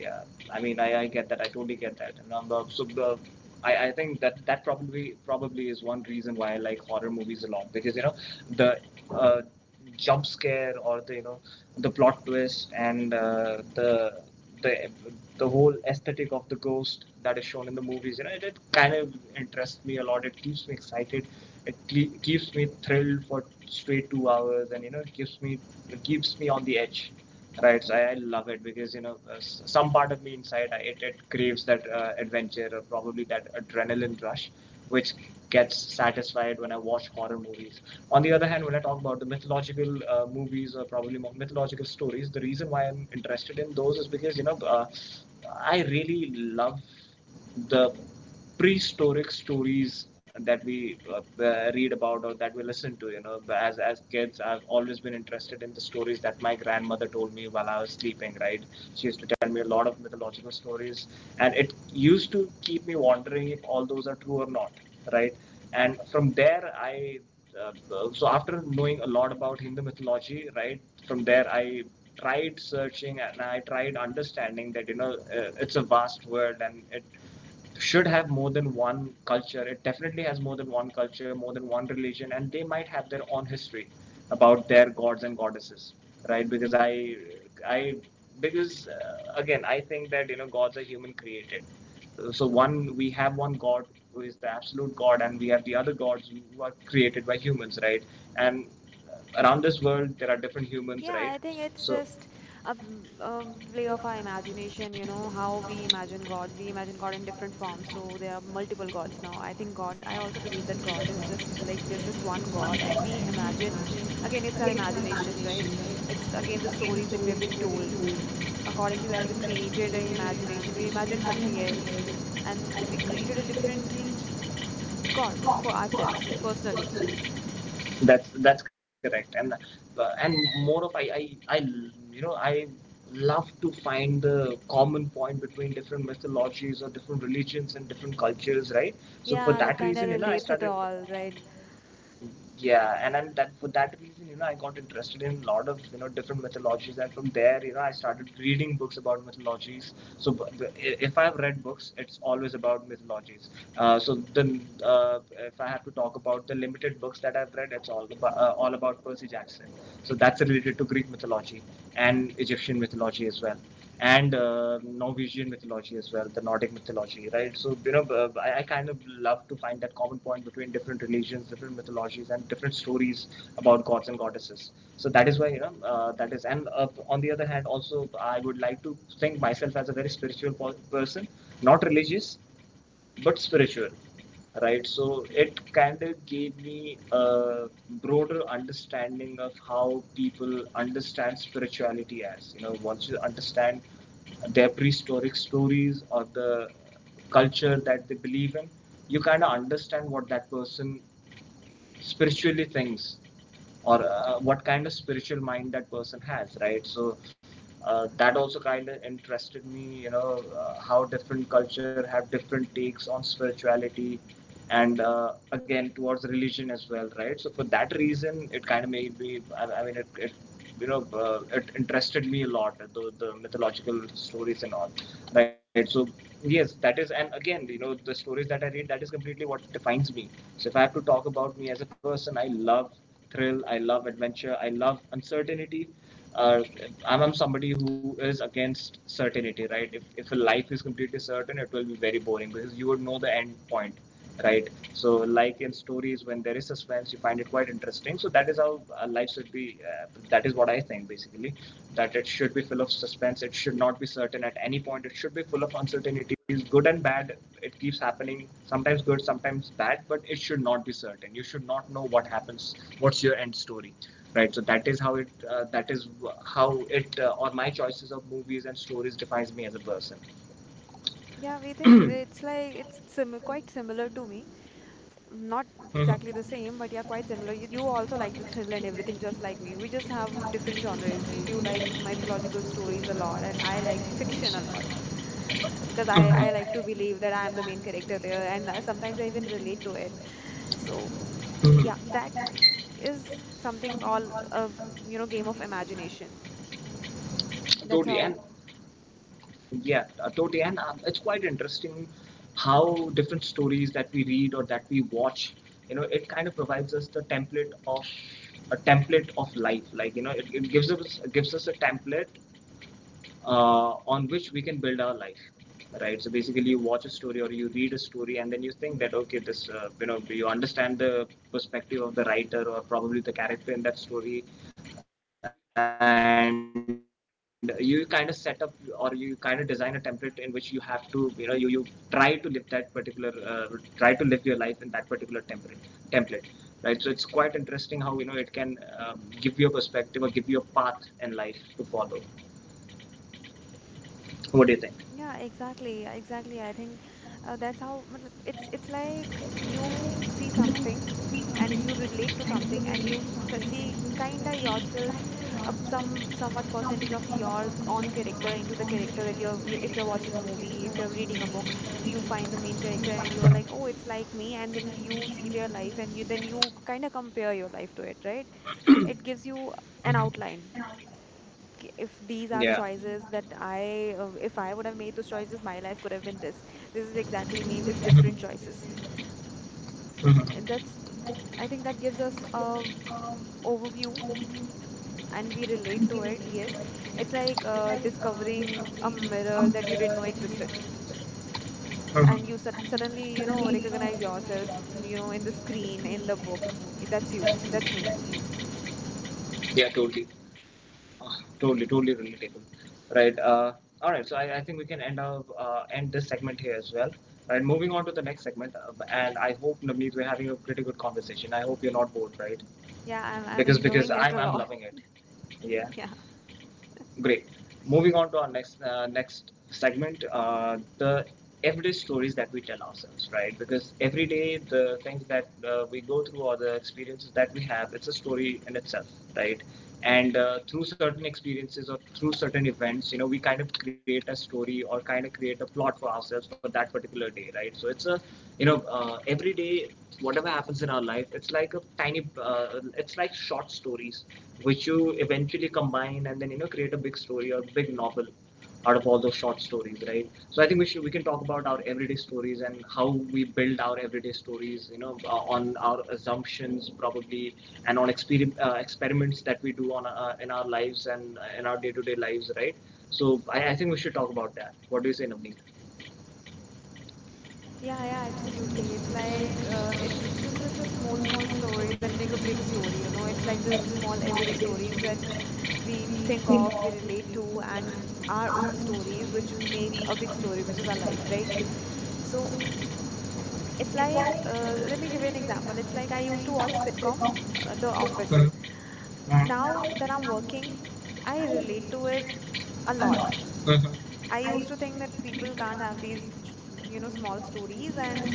Yeah, I mean, I get that. I totally get that. And on the so the, I think that that probably is one reason why I like horror movies a lot, because you know the uh, jump scare, or the you know the plot twist, and the the whole aesthetic of the ghost that is shown in the movies, you know it kind of interests me a lot, it keeps me excited, it keeps me thrilled for straight 2 hours, and you know it keeps me on the edge. Right, so I love it because you know some part of me inside it it craves that adventure, or probably that adrenaline rush, which gets satisfied when I watch horror movies. On the other hand, when I talk about the mythological movies, or probably mythological stories, the reason why I'm interested in those is because you know I really love the prehistoric stories that we read about, or that we listen to, you know, as kids. I've always been interested in the stories that my grandmother told me while I was sleeping, right? She used to tell me a lot of mythological stories, and it used to keep me wondering if all those are true or not, right? And from there I uh, so after knowing a lot about Hindu mythology, right, from there I tried searching, and I tried understanding that you know it's a vast world, and it should have more than one culture. It definitely has more than one culture, more than one religion, and they might have their own history about their gods and goddesses, right? I, because again, I think that you know gods are human created, so one we have one god who is the absolute god, and we have the other gods are created by humans, right? And around this world there are different humans, Yeah, right? I think it's So just a, play of our imagination, you know, how we imagine God. We imagine God in different forms, so there are multiple gods now. I think God, I also believe that God is, just like, there's just one God, and we imagine, again, it's our imagination, right? It's again the stories that we have been told. According to that, we created an imagination, we imagined something else, and we created a different God for ourselves personally. that's correct, and more of I you know I love to find the common point between different mythologies, or different religions, and different cultures, right? So for Yeah, that that kind of reason, you know, I relates at started. all, right? Yeah, and then that for that reason, you know, I got interested in a lot of, you know, different mythologies, and from there you know I started reading books about mythologies. So if I've read books it's always about mythologies. Uh, so then uh, if I have to talk about the limited books that I've read, it's all about Percy Jackson. So that's related to Greek mythology, and Egyptian mythology as well, and Norwegian mythology as well, the Nordic mythology, right? So you know, I kind of love to find that common point between different religions, different mythologies, and different stories about gods and goddesses. So that is why you know that is. And on the other hand, also I would like to think myself as a very spiritual person, not religious, but spiritual, right? So it kind of gave me a broader understanding of how people understand spirituality, as you know, once you understand their prehistoric stories, or the culture that they believe in, you kind of understand what that person spiritually thinks, or what kind of spiritual mind that person has, right? So that also kind of interested me, you know, how different culture have different takes on spirituality, and again towards religion as well, right? So for that reason it kind of made me I mean it you know it interested me a lot, the mythological stories and all, right? So yes, that is. And again, you know, the stories that I read, that is completely what defines me. So if I have to talk about me as a person, I love thrill, I love adventure, I love uncertainty. uh, I'm somebody who is against certainty, right? If a life is completely certain, it will be very boring, because you would know the end point, right? So like in stories when there is suspense, you find it quite interesting. So that is how life should be, that is what I think basically, that it should be full of suspense, it should not be certain at any point, it should be full of uncertainties, good and bad. It keeps happening, sometimes good sometimes bad, but it should not be certain, you should not know what happens, what's your end story, right? So that is how it that is how it or my choices of movies and stories defines me as a person. Yeah, we think it's like it's sim quite similar to me. Not exactly the Mm-hmm. same, but yeah, quite similar. You also like the thriller and everything, just like me. We just have different genres. You like mythological stories a lot, and I like the fiction a lot. Because I like Mm-hmm. to believe that I am the main character there, and, sometimes I even relate to it. So yeah, that is something, all a you know, game of imagination. That's Totally, how. and yeah, totally, and it's quite interesting how different stories that we read, or that we watch, you know, it kind of provides us the template of a template of life, like you know it gives us a template on which we can build our life, right? So basically you watch a story, or you read a story, and then you think that okay this you know you understand the perspective of the writer, or probably the character in that story, and you kind of set up, or you kind of design a template in which you have to, you know, you try to live that particular try to live your life in that particular template, right? So it's quite interesting how you know it can um, give you a perspective, or give you a path in life to follow. What do you think? Yeah, exactly, exactly. I think, that's how matlab, it's like you see something, and you relate to something, and you see kinda yourself, some somewhat percentage of your own character into the character that you're, you, if you're watching a movie, if you're reading a book, you find the main character and you're Mhm. like, "Oh, it's like me." And then you see their life, and you then you kinda compare your life to it, right? It gives you an Mhm. outline. If these are the Yeah. choices that if I would have made those choices, my life could have been this. This is exactly me with Mhm. different choices. Mhm. And Mhm. that's, I think that gives us a overview, and we relate to it. Yes, it's like, discovering a mirror that you didn't know existed, and you suddenly, you know, recognize yourself, you know, in the screen, in the book. That's you. That's me. Yeah, totally. Ah, totally, totally relatable. Right. All right. So I think we can end up end this segment here as well. Right. Moving on to the next segment, and I hope Navneet, we're having a pretty good conversation. I hope you're not bored, Eh, right? Yeah, I'm, Because enjoying it a I'm lot. loving it. Yeah. Yeah. Great. Moving on to our next segment, the everyday stories that we tell ourselves, right? Because every day, the things that we go through, or the experiences that we have, it's a story in itself, right? And through certain experiences, or through certain events, you know, we kind of create a story, or kind of create a plot for ourselves for that particular day, right? So it's a, you know, every day whatever happens in our life, it's like a tiny it's like short stories, which you eventually combine, and then you know create a big story or big novel out of all those short stories, right? So I think we can talk about our everyday stories, and how we build our everyday stories, you know, on our assumptions probably, and on experiments that we do on in our lives, and in our day-to-day lives, right? So I think we should talk about that. What do you say, Navneet? Yeah, yeah, absolutely. It's like, it's just the small, small stories that make a big story, you know. It's like the small everyday stories that we think Mhm. of, we relate to, and our own stories which make a big story, which is our life, right? So it's like, let me give you an example. It's like I used to watch a sitcom, The Office. Now, Now that I'm when I'm working, working, I I relate to it relate to a it a lot. lot. Mhm. I used to think that people can't have these, you know, small stories, and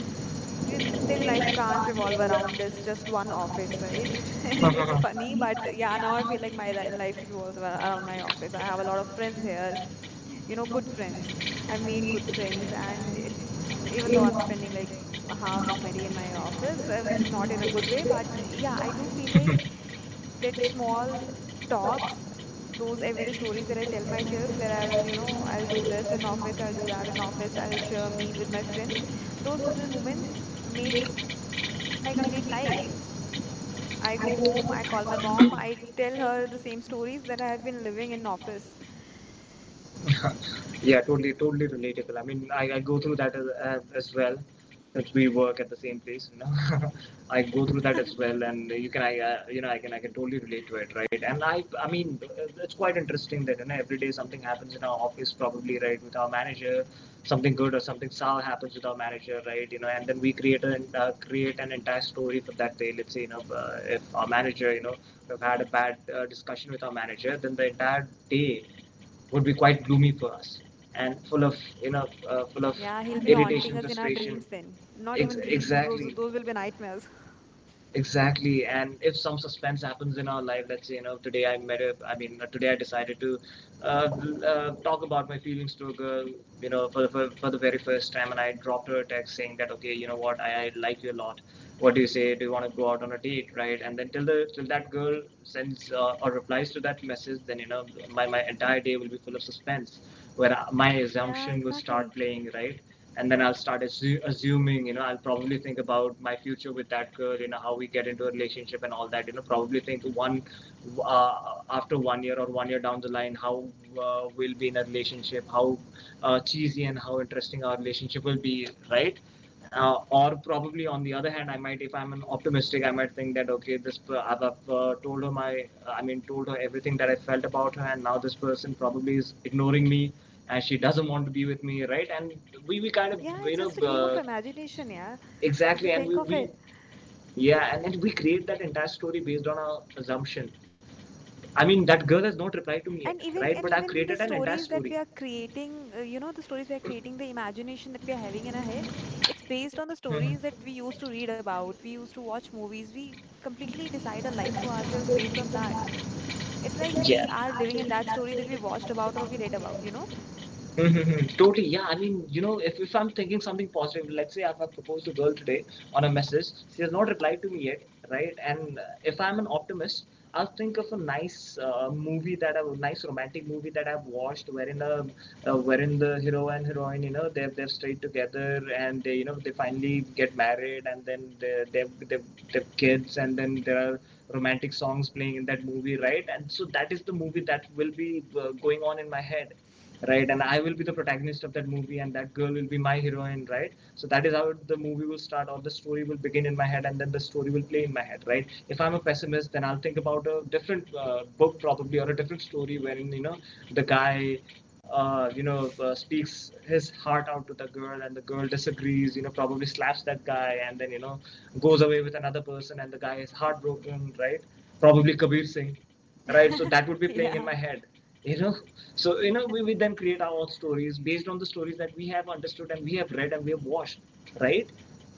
their They life might can't revolve can't. around this just one office, right? And it's Mhm. funny, but Funny, yeah, now I feel like my life revolves around my office. I have a lot of friends here, you know, good friends. I've and made meet good with friends, it and it, and even though I'm earmark spending like the half of amount my of money. day in my office, And, you not know, in a good way, they but had yeah, I do feel like time, that they small thought, we said, like, you know, talks, those everyday stories that I tell myself, I that I'll, you did know, less I'll do than this in that amount office, I'll do of that in office, I'll time. share a meal with my friends, those So little moments make this is my complete life. nice. I I go go home, home, I I call my call them. mom, I tell her the same stories that I have been living in office. Yeah, totally, totally relatable. I mean, I go through that as well, since we work at the same place, you know. I go through that as well, and you can, you know, I can totally relate to it, right? And I mean, it's quite interesting that you know, every day something happens in our office, probably, right, with our manager, something good or something sour happens with our manager, right? You know, and then we create an entire story for that day. Let's say, you know, if our manager, you know, we've had a bad discussion with our manager, then the entire day would be quite gloomy for us and full of Yeah, he'll be haunting irritation. us in our dreams then. Not Ex- even dreams, those exactly. Will be nightmares. Exactly. And if some suspense happens in our life, let's say, you know, today I met a, I mean, today I decided to talk about my feelings to a girl, you know, for the very first time. And I dropped her a text saying that, okay, you know what, I like you a lot. What do you say? Do you want to go out on a date? Right. And then till that girl sends or replies to that message, then, you know, my entire day will be full of suspense, where my Yeah, assumption will exactly. start playing, right? And then I'll start assuming, you know, I'll probably think about my future with that girl, you know, how we get into a relationship and all that, you know, probably think one after one year or one year down the line, how we'll be in a relationship, how cheesy and how interesting our relationship will be, right? Or probably, on the other hand, I might, if I'm an optimistic, I might think that, okay, this I've told her everything that I felt about her, and now this person probably is ignoring me, and she doesn't want to be with me, right? And we kind of. Yeah, you it's know just a game of uh, imagination, yeah. If you exactly. And think we, of we it, Yeah. And then we create that entire story based on our assumption. I mean, that girl has not replied to me and yet, even right? and But even I've the created an stories entire that we story. are creating you know the imagination that we are having in our head, it's based on the Mhm. stories that we used to read about, we used to watch movies, we completely decide a life for ourselves based on that. It's like Yeah. we are living in that story that we watched about or we read about. Mm-hmm. Totally, yeah. I mean, you know, if I'm thinking something positive, let's say I've proposed a girl today on a message, she has not replied to me yet, right? And if I'm an optimist, I'll think of a nice romantic movie that I've watched, wherein a wherein the hero and heroine, you know, they've stayed together and they, you know, they finally get married, and then they've kids, and then there are romantic songs playing in that movie, right? And so that is the movie that will be going on in my head, right? And I will be the protagonist of that movie, and that girl will be my heroine, right? So that is how the movie will start, or the story will begin in my head, and then the story will play in my head, right? If I'm a pessimist, then I'll think about a different book, probably, or a different story, wherein, you know, the guy uh, you know speaks his heart out to the girl, and the girl disagrees, you know, probably slaps that guy, and then, you know, goes away with another person, and the guy is heartbroken, right? Probably Kabir Singh, right? So that would be playing in Yeah. my head, you know. So, you know, we then create our own stories based on the stories that we have understood and we have read and we have watched, right?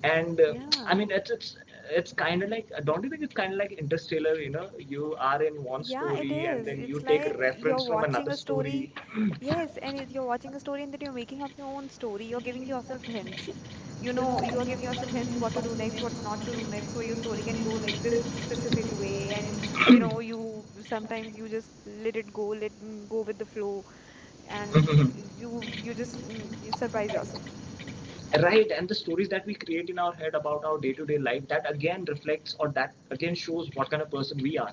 And I yeah mean, it's kind of like, don't you think it's kind of like Interstellar? You know, you are in one yeah, it story, and is, then you it's take like you're reference from watching another a story. story. Yes, and you're watching a story and then you're making up your own story. You're giving yourself hints. You know, you are giving yourself hints what to do next, what not to do next, so your story can go like this specific way. And you know, you sometimes you just let it go, let go with the flow, and you just you surprise yourself. Right, and the stories that we create in our head about our day-to-day life, that again reflects, or that again shows what kind of person we are.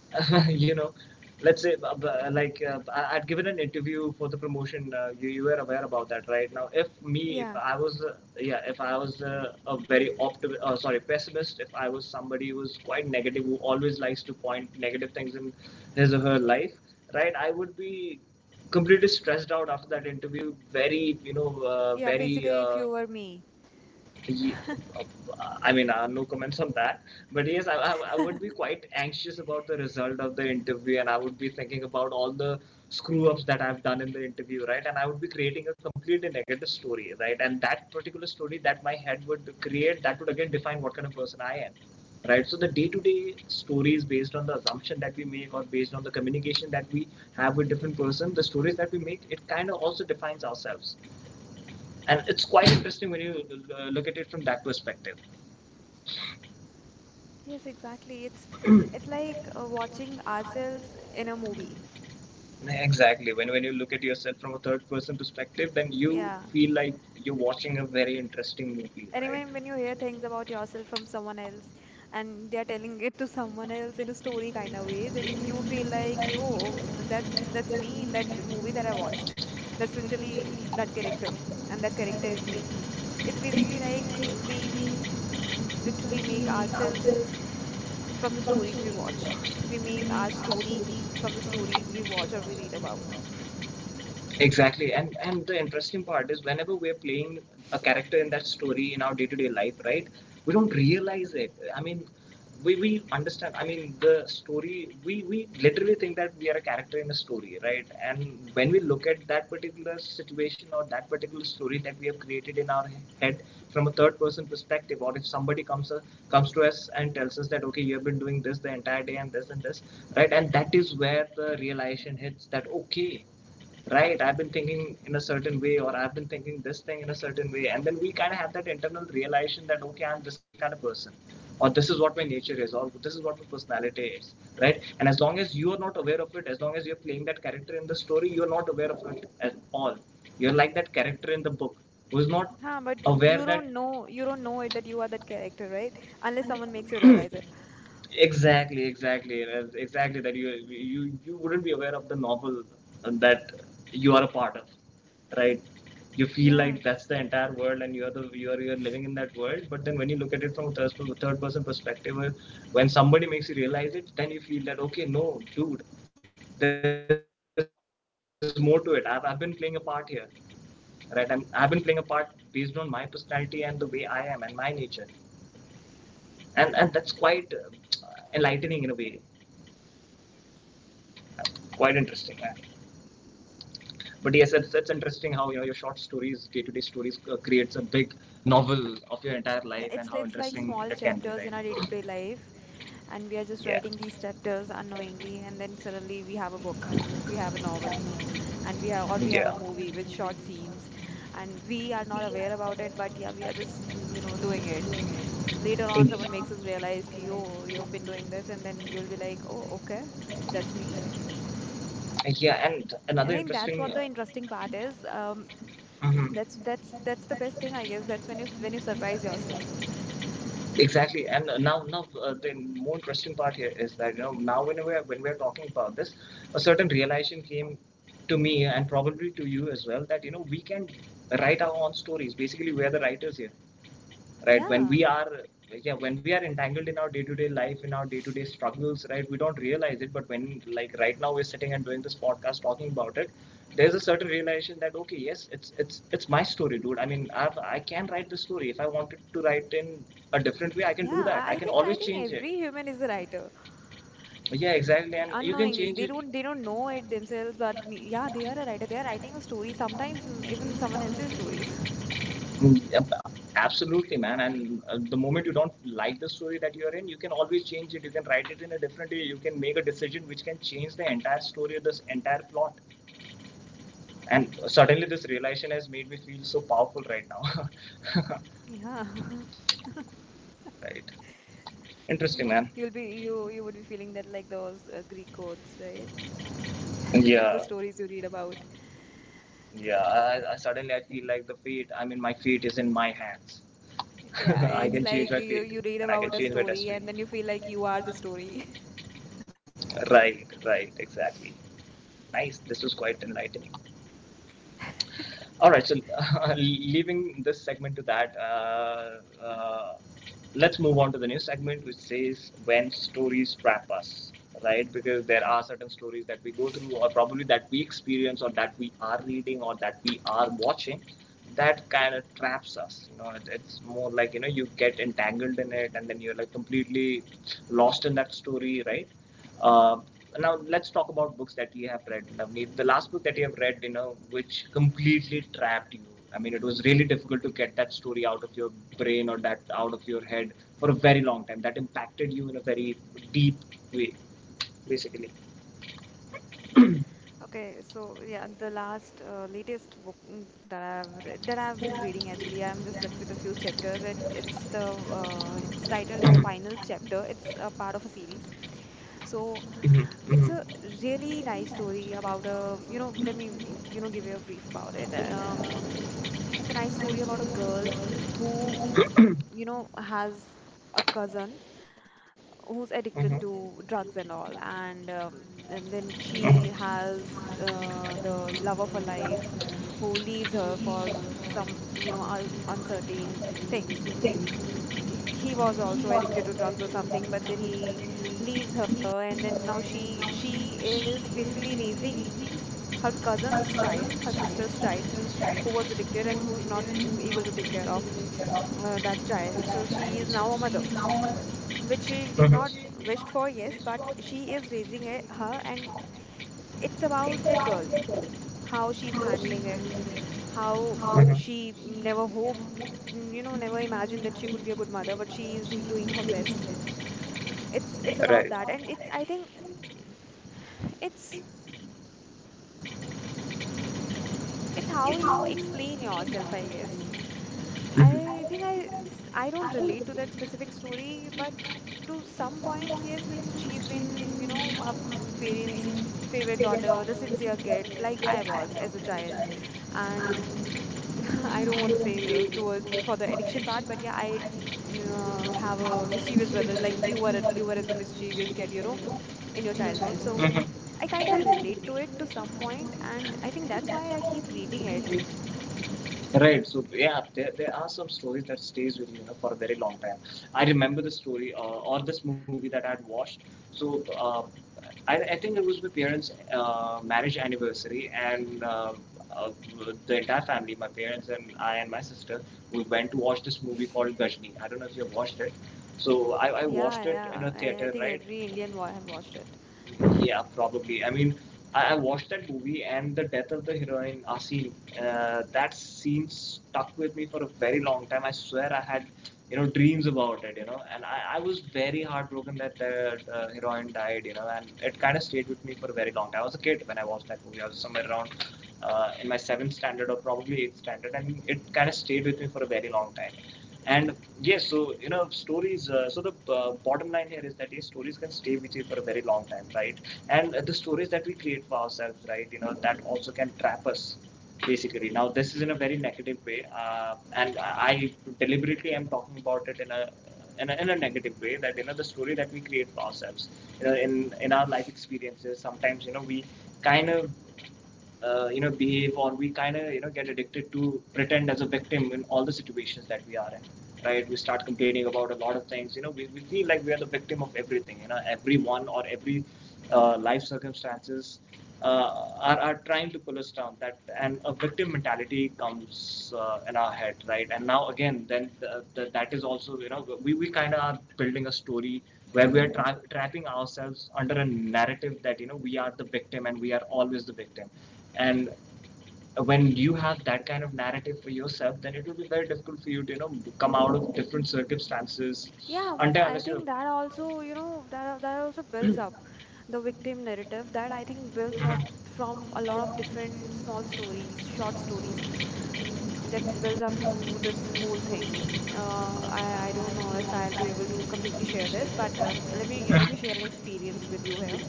You know, let's say, like, I'd given an interview for the promotion. You, were aware about that, right? Now, if Yeah, I was, yeah, if I was, a very optim sorry, pessimist, if I was somebody who was quite negative, who always likes to point negative things in his or her life, right? I would be completely stressed out after that interview, very, yeah. very, Basically, if you were me, he, uh, I mean, no comments on that. But yes, I would be quite anxious about the result of the interview, and I would be thinking about all the screw ups that I've done in the interview, right? And I would be creating a completely negative story, right? And that particular story that my head would create, that would again define what kind of person I am, right? So the day to day stories based on the assumption that we make, or based on the communication that we have with different person, the stories that we make, it kind of also defines ourselves, and it's quite interesting when you look at it from that perspective. yes, exactly. It's like watching ourselves in a movie. Exactly, when you look at yourself from a third person perspective, then you Yeah. feel like you're watching a very interesting movie, right? Anyway, when you hear things about yourself from someone else and they're telling it to someone else in a story kind of way, then you feel like, yo, that's me in that movie that I watched. That's literally that character. And that character is me. It's basically like we literally make ourselves from the From to stories we week to watch. work, We we make our need our to week, from to story week to from the work, or we work. stories we watch or we read about. Exactly, and the interesting part is whenever we're playing a character in that story in our day-to-day life, right? We don't realize it. I mean, we understand. I mean, the story. We literally think that we are a character in a story, right? And when we look at that particular situation, or that particular story that we have created in our head, from a third-person perspective, or if somebody comes to us and tells us that, okay, you have been doing this the entire day and this, right? And that is where the realization hits, that okay, right, I've been thinking in a certain way, or I've been thinking this thing in a certain way, and then we kind of have that internal realization that, okay, I'm this kind of person, or this is what my nature is, or this is what my personality is, right? And as long as you are not aware of it, as long as you're playing that character in the story, you're not aware of it at all. You're like that character in the book who's not Huh, but aware you that. don't know, it, that you are that character, right? Unless someone makes you realize it. Exactly, exactly, and exactly, that you wouldn't be aware of the novel that you are a part of, right? You feel Yeah. like that's the entire world, and you're the you're living in that world. But then when you look at it from a third person perspective, when somebody makes you realize it, then you feel that, okay, no, dude, there's more to it. I've been playing a part here, right? And I've been playing a part based on my personality and the way I am and my nature, and that's quite enlightening in a way, quite interesting. But yes, it's interesting how, you know, your short stories, day-to-day stories, creates a big novel of your entire Yeah, life and it's how like small interesting it can chapters be, in our right? day-to-day life, and we are just Yeah, writing these chapters unknowingly, and then suddenly we have a book, we have a novel, and we have, or we have a yeah. movie with short scenes, and we are not aware about it, but yeah, we are just you know doing it. L- Later on, someone makes us realize ki, oh, you've been doing this, and then you'll be like, oh, okay, that's me. Yeah, and another I think that's interesting. what the interesting part is. Uh, That's the best thing, I guess. That's when you surprise yourself. mhm. Exactly, and now, the more interesting part here is that, you know, now when we are talking about this, a certain realization came to me, and probably to you as well, that, you know, we can write our own stories. Basically, we are the writers here, right? when Yeah. we are Yeah, when we are entangled in our day-to-day life, in our day-to-day struggles, right? We don't realize it, but when, like right now we're sitting and doing this podcast talking about it, there's a certain realization that, okay, yes, it's my story, dude. I mean, I can write the story. If I wanted to write in a different way, I can Yeah, do that. I I I can think I always think change it. every human is a writer. Yeah, Mm. exactly, and you can Unknowingly, change they it. don't they don't know it themselves, but yeah, they are a writer. They are writing a story, sometimes even someone else's stories. Yep, absolutely, man. And the moment you don't like the story that you're in, you can always change it. You can write it in a different way. You can make a decision which can change the entire story or this entire plot. And suddenly, this realization has made me feel so powerful right now. Yeah. Right. Interesting, man. You would be feeling that like those Greek gods, right? The Yeah. stories you read about. Yeah. I feel like the fate. I mean, my fate is in my hands. Yeah, I it's can change like my you read about a change my story destiny. and then you feel like you are the story. Right. Right. Exactly. Nice. This was quite enlightening. All right. So, leaving this segment to that, uh, let's move on to the new segment, which says when stories trap us, right? Because there are certain stories that we go through, or probably that we experience, or that we are reading, or that we are watching, that kind of traps us. You know, it's more like, you get entangled in it, and then you're like completely lost in that story, right? Uh, Now let's talk about books that you have read. Navneet. The last book that you have read, you know, which completely trapped you. I mean, it was really difficult to get that story out of your brain or that out of your head for a very long time. That impacted you in a very deep way, basically. Okay, so yeah, the last latest book that I've read, that I've been reading actually, Mm-hmm. I'm just left with a few chapters. It it's the It's titled as Final Chapter. It's a part of a series. So Mm-hmm. it's a Mm-hmm. really nice story about a, you know, let me you know give you a brief about it. It's a nice story about a girl who, Mhm. you know, has a cousin who's addicted to drugs and all, and then she has the love of her life who leaves her for some, you know, un- uncertain things. Mm, he was also addicted to drugs or something, but then he leaves her, and then now she is basically Mhm. raising her cousin's But her child, her brother's child, sister's her child, sister's child, who was addicted who and was who's not bigger and who's able not to take able care of to take care of that child. So that child. she is So now a she mother, is now a mother. which she did Mhm. not She is not a wished mother, for, yes, but she but is raising it, she's her, taking care and of her. it's about It's that around girl, the girl, how she's how she handling handled it, it, how how Mhm. she she became never hoped, a mother. You you know, can never never imagined that she imagine could that be a good she mother, became a but mother, she is doing her she became a best. mother. It's It's Right. about It's that, about and that. it's, I think uh, it's It's, It's how it's you how you explain yourself, I guess. Mhm. I think I s- I don't I don't relate to that believe specific that story, but this is to some points, yes, well, she's been, you know, her parents' favorite Figured daughter, out, the this is sincere the other kid, like I like I was as a was, and child. Um, And I don't I want to don't say really toward for with the what I addiction should part, but yeah, and I I didn't know have how a to mischievous brother, like choose, like you want you were you as a want to be mischievous sure kid, you know, you know, in your in your childhood. So childhood. I kind of Mhm. relate to it to some point, and I think that's why I I keep reading think it. maybe Right. So yeah, there are some stories that stays with you, you know, for a very long time. I remember the story or this movie that I had watched. So I think it was my parents' marriage anniversary, and uh, the entire family, my parents and I and my sister, we went to watch this movie called Gajni. I don't know if you have watched it. So I Yeah, watched it in yeah. a I theater, think right? every Indian wa have watched it. Yeah, probably. I mean, I watched that movie and the death of the heroine Asim. That scene stuck with me for a very long time. I swear I had, you know, dreams about it. You know, and I was very heartbroken that the heroine died. You know, and it kind of stayed with me for a very long time. I was a kid when I watched that movie. I was somewhere around. In my seventh standard or probably eighth standard, and it kind of stayed with me for a very long time. And yes, so you know, stories. So the bottom line here is that yes, stories can stay with you for a very long time, right? And the stories that we create for ourselves, right? You know, that also can trap us, basically. Now, this is in a very negative way, and I deliberately am talking about it in a in a negative way that you know the story that we create for ourselves you know in our life experiences sometimes you know we kind of you know behave or we kind of you know get addicted to pretend as a victim in all the situations that we are in right we start complaining about a lot of things you know we feel like we are the victim of everything you know everyone or every life circumstances are trying to pull us down that and a victim mentality comes in our head right and now again then that is also you know we kind of are building a story where we are trapping ourselves under a narrative that you know we are the victim and we are always the victim and when you have that kind of narrative for yourself then it will be very difficult for you to you know come out of different circumstances Yeah, but until I unless you're think that also, you know, that also builds up Mhm. the victim narrative that I think builds up Mhm. from a lot of different small stories, short stories, and that builds up to this whole thing. I don't know if I'll be able to completely share this, but let me share an experience with you here.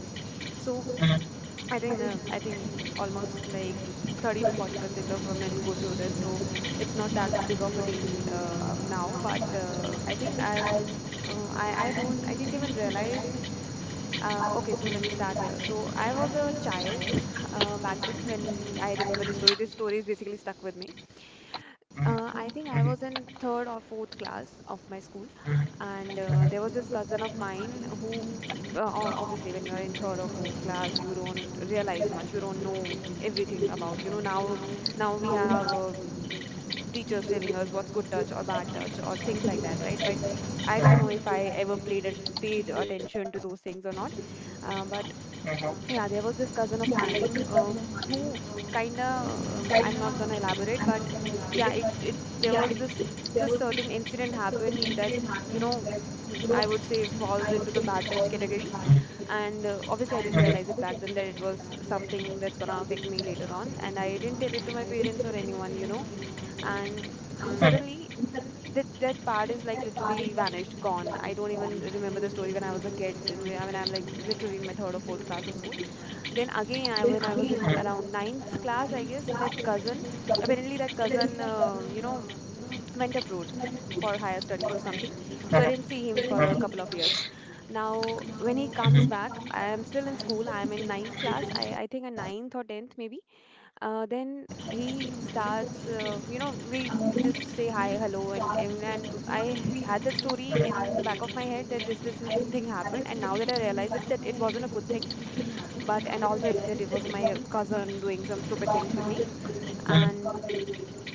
So Mhm. I think almost like 30 to 40% of women go through this, so it's not that big of a deal now. But I think I've I didn't even realize. Okay, so let me start here. So I was a child back then when I remember this story. This story is basically stuck with me. I think I was in third or fourth class of my school, and there was this cousin of mine who, obviously when you're in third or fourth class you don't realize much, you don't know everything about, you know, now we have teachers telling us what's good touch or bad touch or things like that, right? But I don't know if I ever played at, paid attention to those things or not. But Mm-hmm. yeah, there was Yeah, this I was cousin just of working on mine, mine. who kind Right of, now, I'm not gonna I'm not gonna elaborate, but lie, yeah, it but yeah, it there was there this was this this certain incident certain incident happened that, happened you that, know, you know, I would say I was falls being into the called bad into touch the lab category, Mhm. and and obviously I didn't Mhm. realize it obviously I back then that it was was very something that's bad, and there gonna was affect something that me went later on, on, and I didn't tell it to my and I didn't parents get or into my anyone, you parents. know, and And Mhm. then suddenly. in some That, that ways, part is just like that part literally is like it was vanished, really I gone. don't know I don't if know, even remember the it was story when I was a kid. When- around the I place, and mean, I was I'm just like doing it for literally in my third or fourth class of school, a long then time. again, I Then when I was again I in will around have ninth around class, I nine guess, that class cousin, and dozen. apparently that But I cousin, think that dozen, you you know, know, went abroad like a group for higher studies for or higher something. studies. So I Mhm. didn't see him Then for a Mhm. couple of years. Now now when he Mhm. comes when he back, comes I am back, still I in am school. sure I am in he will ninth have a class. I nine I class. think a And I think ninth or nine tenth maybe. to eight is Then among he the starts. class, You you know, know, we we just say hi, Mhm. hello, higher and and education. and I I had that I story was told in the back of my in one head of that this my this books that thing it happened, didn't and now happen, that I and now realize that it, I that realize it it, wasn't that a it good thing, wasn't. but and also But it, now that it it's was my Mm. cousin doing some stupid things with me. completely And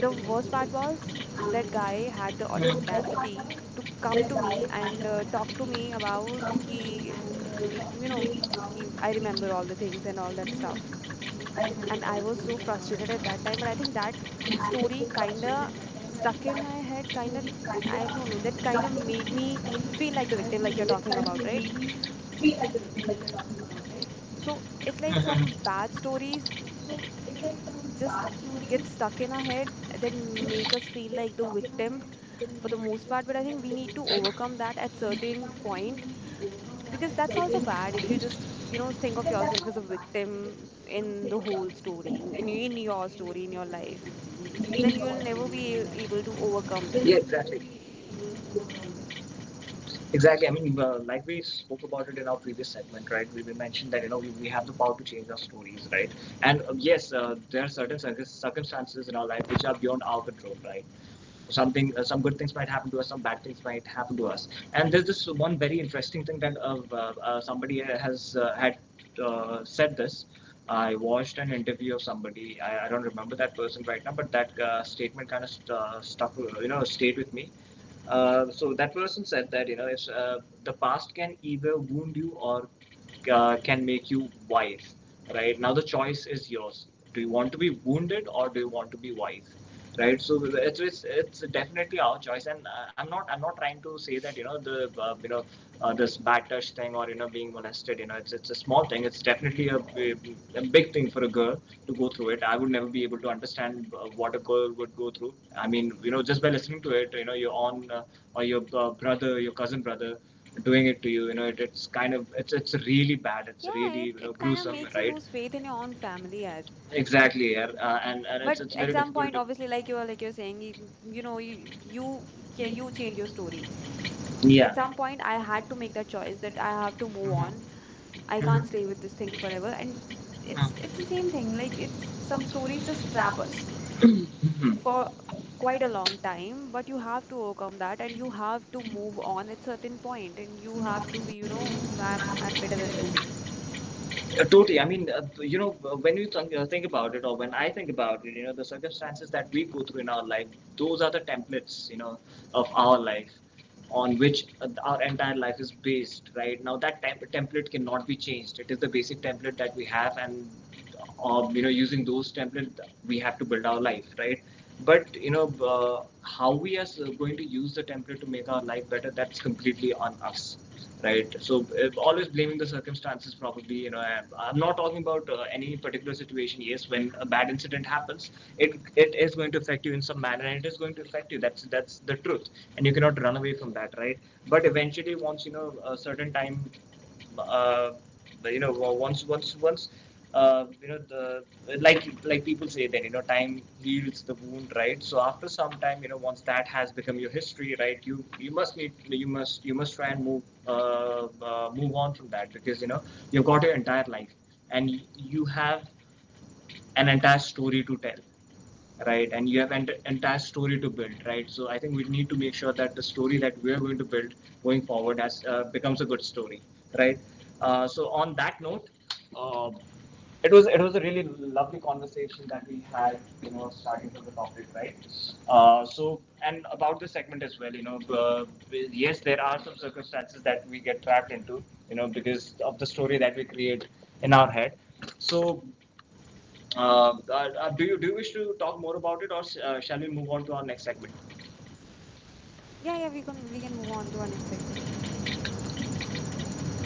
the worst and so part was that that guy guy had the had the audacity to one come he to come to me me and and talk to talked to me me about about he, the you know you I know, remember all he, I things and remember all the all that things and all that stuff. stuff. And I And I was was so just frustrated at watching it that time, but and I I think was like that that story really kind kinda of stuck in my sucking head, kinda, kind I of I don't don't know, that know it kind of kind of made made me me feel feel like the like victim, like you're you're talking talking about about, right? right Mhm. so So it's it's like like some some bad sad stories story Yeah, just get stuck in exactly. our head that make us feel like the victim for the most part. But I think we need to overcome that at certain point, because that's also bad if you just, you know, think of yourself as a victim in the whole story, in your story, in your life, then you'll never be able to overcome this. Exactly. I mean, like we spoke about it in our previous segment, right? We mentioned that you know we have the power to change our stories, right? And yes, there are certain circumstances in our life which are beyond our control, right? something some good things might happen to us some bad things might happen to us and there's this one very interesting thing that somebody has had said this I watched an interview of somebody I don't remember that person right now but that statement kind of stuck you know stayed with me so that person said that you know if the past can either wound you or can make you wise right now the choice is yours do you want to be wounded or do you want to be wise right so it's definitely our choice and i'm not trying to say that you know the you know this bad touch thing or you know being molested you know it's a small thing it's definitely a big thing for a girl to go through it I would never be able to understand what a girl would go through I mean you know just by listening to it you know your own or your brother your cousin brother doing it to you you know it's kind of it's really bad it's Yeah, really it, you know it kind of gruesome makes you right lose faith in your own family, yeah. exactly yeah. And But it's at very some difficult point, obviously, like you're saying, you know, you you change your story. 你啊，At some point I had to make that choice that I have to move on. I can't 嗯，stay with this thing forever, and it's the same thing, 嗯，like it's, some stories just trap us 嗯 for 哼。quite a long time, but you have to overcome that, and you have to move on at certain point, and you have to be, you know, "Mm, I'm better than this." Totally. I mean, you know, when you think about it, or when I think about it, you know, the circumstances that we go through in our life, those are the templates, you know, of our life on which our entire life is based, right? Now, that template cannot be changed. It is the basic template that we have, and, you know, using those templates, we have to build our life, right? But, you know, how we are going to use the template to make our life better, that's completely on us right? So always blaming the circumstances, probably. You know, I'm not talking about any particular situation. Yes, when a bad incident happens, it is going to affect you in some manner, and it is going to affect you. That's the truth, and you cannot run away from that, right? But eventually, once you know a certain time uh, you know well, once you know the like people say that you know time heals the wound right so after some time you know once that has become your history right you you must need you must try and move on from that because you know you've got your entire life and you have an entire story to tell right and you have an entire story to build right so I think we need to make sure that the story that we are going to build going forward as becomes a good story right So on that note uh, it was a really lovely conversation that we had you know starting from the topic right so and about the segment as well you know yes there are some circumstances that we get trapped into you know because of the story that we create in our head so uh, uh, do you wish to talk more about it, or shall we move on to our next segment? Yeah, we can move on to our next segment.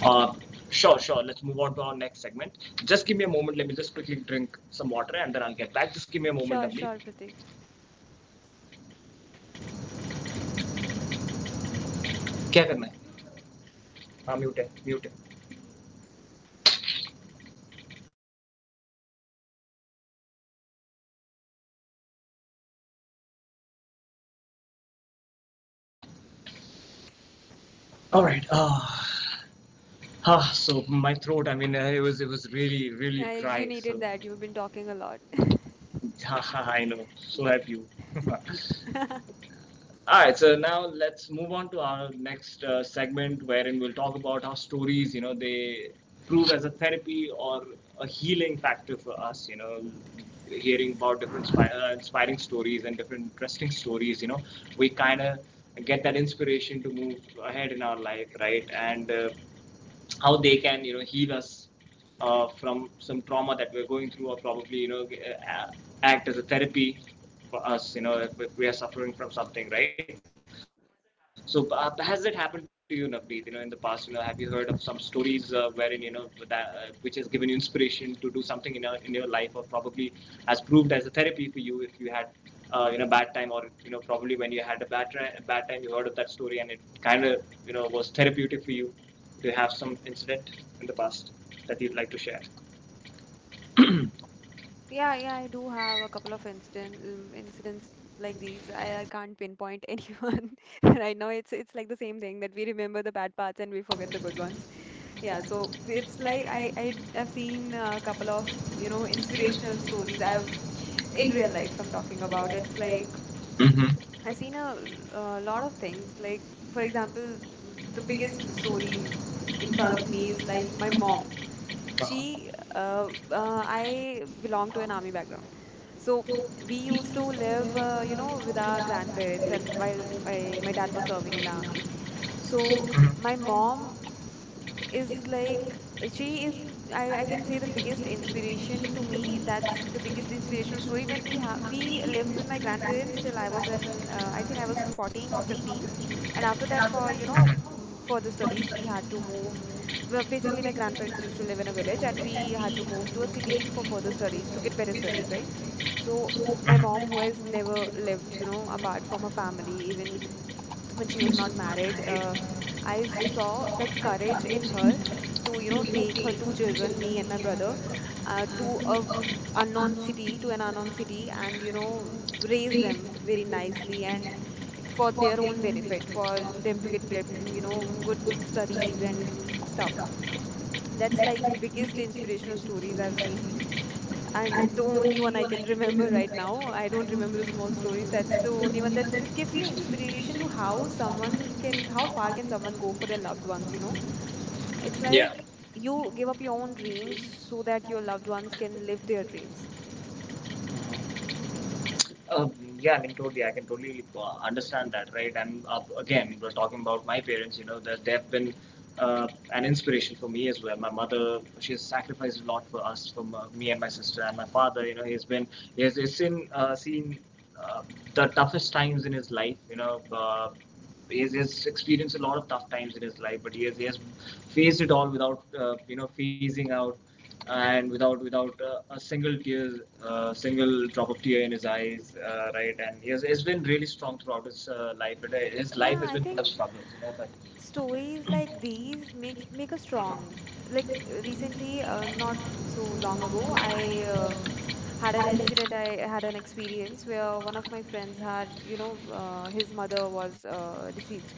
Uh, sure, sure. Let's move on to our next segment. Just give me a moment. Let me just quickly drink some water, and then I'll get back. Just give me a moment, Sure, Navneet. sure, Pratik. क्या करना है? हाँ mute है, mute है. All right. So my throat. I mean, it was really Yeah, you dry. needed that, you've been talking a lot. I know. So have you. All right, so now let's move on to our next segment wherein we'll talk about how stories, you know, they prove as a therapy or a healing factor for us, you know, hearing about different inspiring stories and different interesting stories, you know, we kind of get that inspiration to move ahead in our life, right? And how they can, you know, heal us from some trauma that we're going through, or probably, you know, act as a therapy for us, you know, if we are suffering from something, right? So has that happened to you, Navneet? You know, in the past, you know, have you heard of some stories wherein, you know, that, which has given you inspiration to do something in your life, or probably has proved as a therapy for you, if you had you know, bad time, or you know, probably when you had a bad time you heard of that story and it kind of, you know, was therapeutic for you. Do you have some incident in the past that you'd like to share? Yeah, yeah, I do have a couple of incident, incidents like these. I can't pinpoint anyone right now. It's like the same thing that we remember the bad parts and we forget the good ones. Yeah, Yeah, so so it's it's like like I I have have been seen a couple of a inspirational inspirational stories. books I've I've in in real real life I'm talking life. A about. lot It's of, like, like Mm-hmm. I've seen a lot of things. Like for For example, example, the the biggest biggest story story in in front front of of me me is is like like my my mom. mom, she Uh-huh. She, I I belong found to her an army background, so so we we to used to live live, uh, with you our know, grandparents, with and while grandparents. That's why I, my my dad dad was serving in the was not army. enough. So So Mhm. my My mom mom is is like, like, she is she, is, I I can can say the say it biggest gives inspiration inspiration to to me, me. that That's it the biggest gives inspirational inspiration, story. so it When makes me to be we happy, and lived with that's my when I grandparents till realized I that I was in I think I was I was 14 or 14 or 15, and 15, after and that, after for that, so I was, like, oh, for the studies we 40, had to move. Well, basically Bakit my na grandparents natin used to live in a village susunod? and Eh, we hindi had to na, move to ano, a puro city for hindi further po po studies, to get better tayo. studies, right? So, So my Mhm. mom, who has Malalim mo never yung mga lived, you know, yung apart from her kapatong sa family, akin. even when she was Gusto not nga married, tayo, I I saw saw that the courage in courage in her her to, you to know, take her relocate two her two children, children, me and my me and my brother, brother, to to a a unknown city to an unknown city, and you know, raise read them, them very they nicely, nicely, and and for for their their own own benefit benefit, for for them to their get future, you know, you know, good good studies and studies and stuff. stuff. That's That's like the like we biggest did. inspirational stories I've seen, I and the only one I don't can remember remember right that now. I don't remember the small it, stories. That's the only one you know, that that still gives me inspiration to inspiration of how how someone, someone can, how can- how far can hard can someone someone go for work their loved ones, you know? It's in a. Yeah. like you give up your own dreams so that your loved ones can live their dreams. N- Uh, yeah, I mean, totally. I can totally understand that, right? And again, we're talking about my parents. You know, that they've been uh, an inspiration for me as well. My mother, she has sacrificed a lot for us, for me and my sister and my father. You know, he's been, he has, he's seen, seen uh, the toughest times in his life. You know, he has, experienced a lot of tough times in his life, but he has faced it all without, you know, phasing out, and without a single tear, single drop of tear in his eyes, right? And he has been really strong throughout his life. But his life Yeah, has I been full of think struggles, you know. But stories like these make us strong. Like recently, not so long ago, I uh, had an incident I had an experience where one of my friends had, his mother was deceased.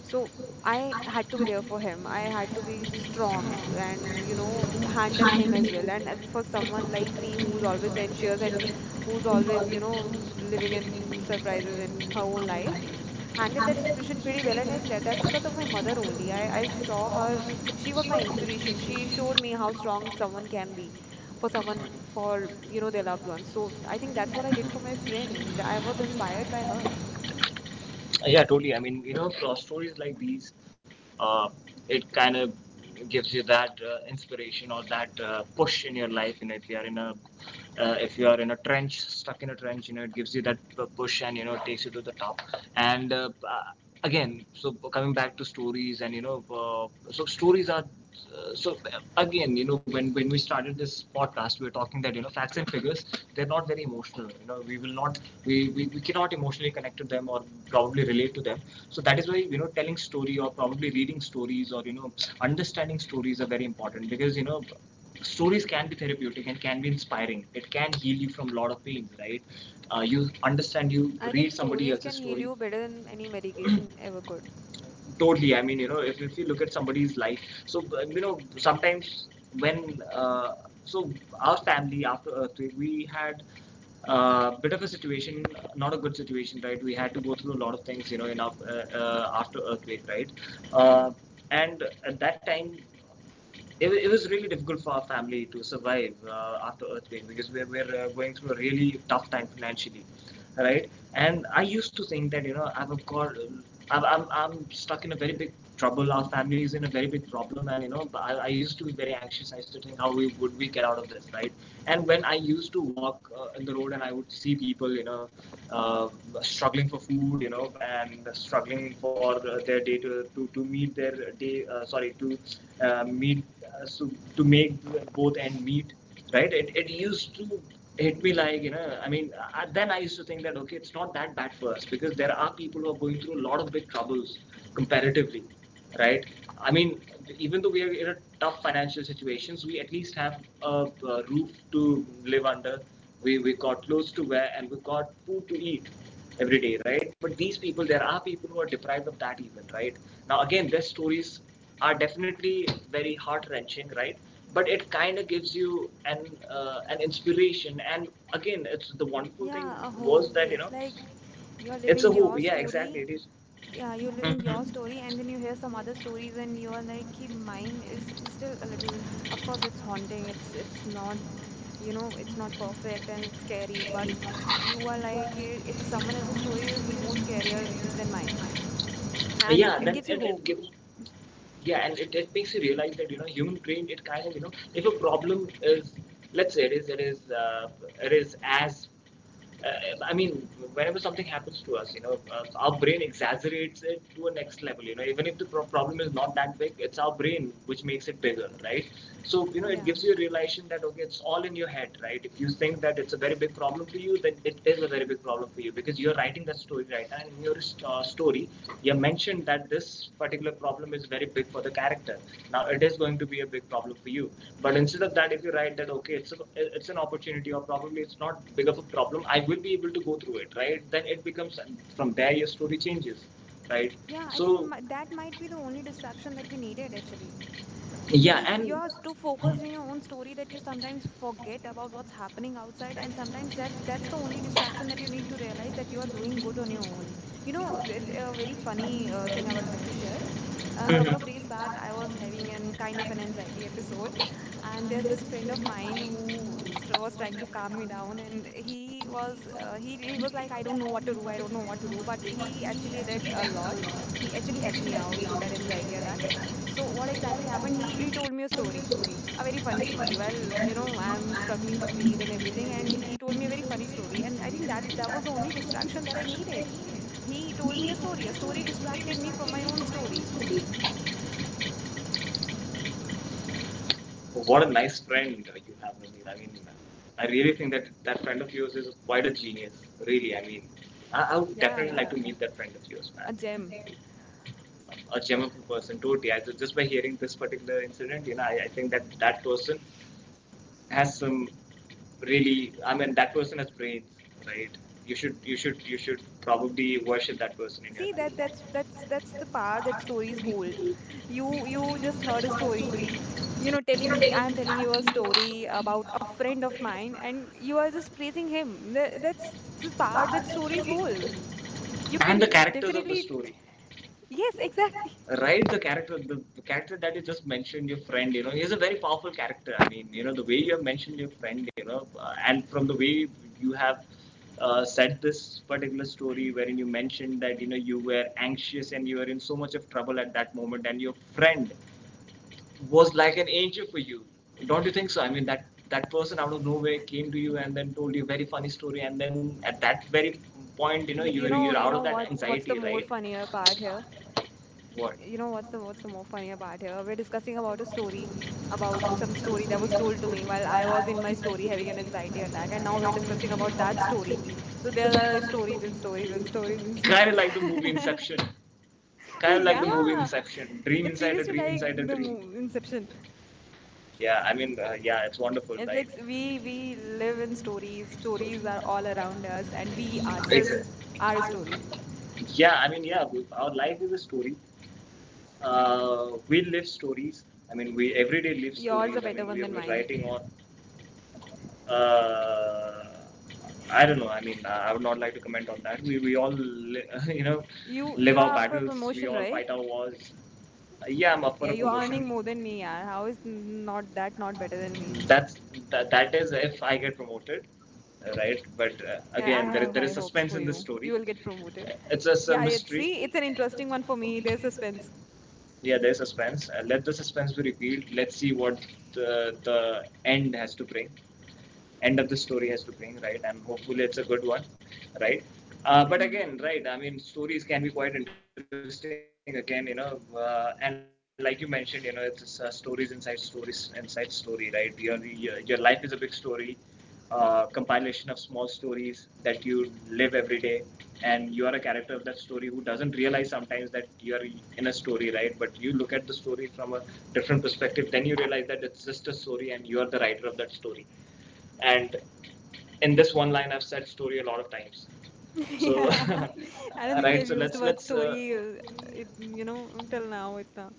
So I I had to be there have. for him. I had to be हाँ, strong नहीं and, you know, तो handle खाने him के लिए as well. And नहीं है, for तो someone like me समोसे, who's नूडल्स, always और anxious फैंसी and वाले, who's फूड always, बाज़ार you के know, तो living फिर in भी सब surprises in her like, own खाऊँ life, लाइक। handled हम that लोग ऐसे situation pretty कुछ भी well. नहीं And then करेंगे, तो that's यार because of अच्छा my लगेगा mother ना तो मगर only. वो नहीं I है, ऐसे saw वो her, हमारे she was किसी को my भी नहीं inspiration. She चाहिए। showed me how strong someone can be for someone, for, you know, their loved ones. So I think that's what I did for my friend. I was inspired by her. Yeah, totally. I mean, you know, cross stories like these, uh, it kind of gives you that inspiration or that push in your life. You know, if you are in a if you are in a trench, stuck in a trench, you know, it gives you that push, and you know, takes you to the top. And again, so coming back to stories, and you know, so stories are again, you know, when we started this podcast, we were talking that, you know, facts and figures, they're not very emotional. You know, we will not, we we cannot emotionally connect to them, or probably relate to them. So that is why, you know, telling story, or probably reading stories, or you know, understanding stories are very important, because you know, stories can be therapeutic and can be inspiring. It can heal you from a lot of pain, right? You understand, you I think read somebody stories else's can heal story. you better than any medication ever could. Totally, I mean, you know, if you look at somebody's life, so you know, sometimes when uh, so our family after earth, we had a bit of a situation, not a good situation, right? We had to go through a lot of things, you know, in our, after earthquake, right? uh, and at that time, it was really difficult for our family to survive after earthquake, because we were going through a really tough time financially, right? And I used to think that, you know, I've got I'm stuck in a very big trouble, our family is in a very big problem, and you know, I used to be very anxious, I used to think how we would we get out of this, right? And when I used to walk in the road, and I would see people, you know, uh, struggling for food, you know, and struggling for their day to meet their day sorry uh, meet uh, so to make both end meet, right? It used to hit me, like, you know, I mean, then I used to think that okay, it's not that bad for us, because there are people who are going through a lot of big troubles comparatively, right? I mean, even though we are in a tough financial situations, we at least have a roof to live under, we got clothes to wear, and we got food to eat every day, right? But these people, there are people who are deprived of that even, right? Now, again, their stories are definitely very heart wrenching, right? But it kind of gives you an inspiration, and again, it's the wonderful Yeah, a was hope. that, you It's know, like you're it's living a hope. your Yeah, exactly, story. it is. Yeah, you're living Mhm. your story, and then you hear some other stories, and you're like, "Hey, mine is it's still a little." Of course, it's haunting. It's not, you know, it's not perfect and it's scary. But you are like, "Eh, it's someone else's story is more scarier than mine," yeah, and it then gives you it hope. gives. Yeah, and it makes you realize that, you know, human brain, it kind of, you know, if a problem is, let's say it is, it is it is as I mean, whenever something happens to us, you know, our brain exaggerates it to a next level. You know, even if the problem is not that big, it's our brain which makes it bigger, right? So, you know, it Yeah, gives you a realization that okay, it's all in your head, right? If you think that it's a very big problem for you, then it is a very big problem for you, because you're writing that story, right? And in your story, you mentioned that this particular problem is very big for the character. Now it is going to be a big problem for you. But instead of that, if you write that okay, it's a, it's an opportunity, or probably it's not big of a problem, I will be able to go through it, right? Then it becomes, from there your story changes, right? yeah. I think So that might be the only distraction that we needed actually. yeah, Because and you're too focused in your own story that you sometimes forget about what's happening outside, and sometimes that's the only distraction that you need to realize that you are doing good on your own. You know, it's a very funny thing I would like to share. A couple of days back I was having an kind of an anxiety episode, and there's this friend of mine who was trying to calm me down, and he was like, "I don't know what to do, I don't know what to do," but he actually did a lot. He actually helped me out through that anxiety attack. So what Mhm. exactly happened, he told me a story, a very funny story. Well, you know, I'm struggling to breathe and everything, and he told me a very funny story, and I think that that was the only distraction that I needed. He told me a story. A story distracted me from my own story. What a nice friend you have, Naveed. I mean, I really think that that friend of yours is quite a genius. Really, I mean, I would Yeah, definitely like yeah, to meet that friend of yours, man. a gem. A gem of a person, totally. Just by hearing this particular incident, you know, I think that that person has some really, I mean that person has brains, right? You should probably worship that person in your See, that life. that's that's that's the power that stories hold. You just heard a story. You know, telling I'm telling you a story about a friend of mine, and you are just praising him. That's the power that stories hold. You And the can characters of the definitely, story. yes, Yes, exactly. exactly. Right, the character, the character that you just mentioned, your friend, you know, he's a very powerful character. I mean, you know, the way you have mentioned your friend, you know, and from the way you have said this particular story, wherein you mentioned that, you know, you were anxious, and you were in so much of trouble at that moment, and your friend was like an angel for you. Don't you think so? I mean, that that person out of nowhere came to you and then told you a very funny story, and then at that very point, you know, Yeah, you're out you of know that what's anxiety, the right? more funnier part here? What? You know what's the more funny about here? We're discussing about a story, about About some some story that story, was that told to me while I was I in was my in that story story having an having anxiety anxiety attack, and attack, now and we're now I'm discussing thinking about about that that story. story. So So there there are, like, are stories stories and stories and stories stories and stories. Kind of stories. like Inception. Kind of like the movie Yeah, Inception. Dream it's inside seriously like inside the the dream. Inception. Yeah, I mean, yeah, it's wonderful, It's right? like we live in stories. Stories are all around us, and we We are ourselves Exactly. are a story. Yeah, I mean, yeah, our life is a story. uh, we live stories. I mean, we everyday live Yours stories. a better one than We're mine. writing on. uh, I don't know. I mean, I would not like to comment on that. We all li- you know, You live you our are up battles. for We promotion, all right? fight our wars. Yeah, I'm up for Yeah, a you're earning more than me, yeah. How is not that not better than me? promotion. That's that is if I get promoted, right? But I again, there is have there high is hopes suspense for in this you. You story. will get promoted. It's a Yeah, it's, see, it's an interesting one for me. There's suspense. Yeah, there's suspense. Let the suspense be revealed. Let's see what the end has to bring. End of the story has to bring, right? And hopefully it's a good one, right? But again, right? I mean, stories can be quite interesting. Again, you know, and like you mentioned, you know, it's stories inside story, right? Your life is a big story, compilation of small stories that you live every day, and you are a character of that story who doesn't realize sometimes that you're in a story, right? But you look at the story from a different perspective, then you realize that it's just a story and you are the writer of that story. And in this one line I've said story a lot of times, Yeah, so I don't right, think so we have let's used the word let's story, it, you know, until now. Itna.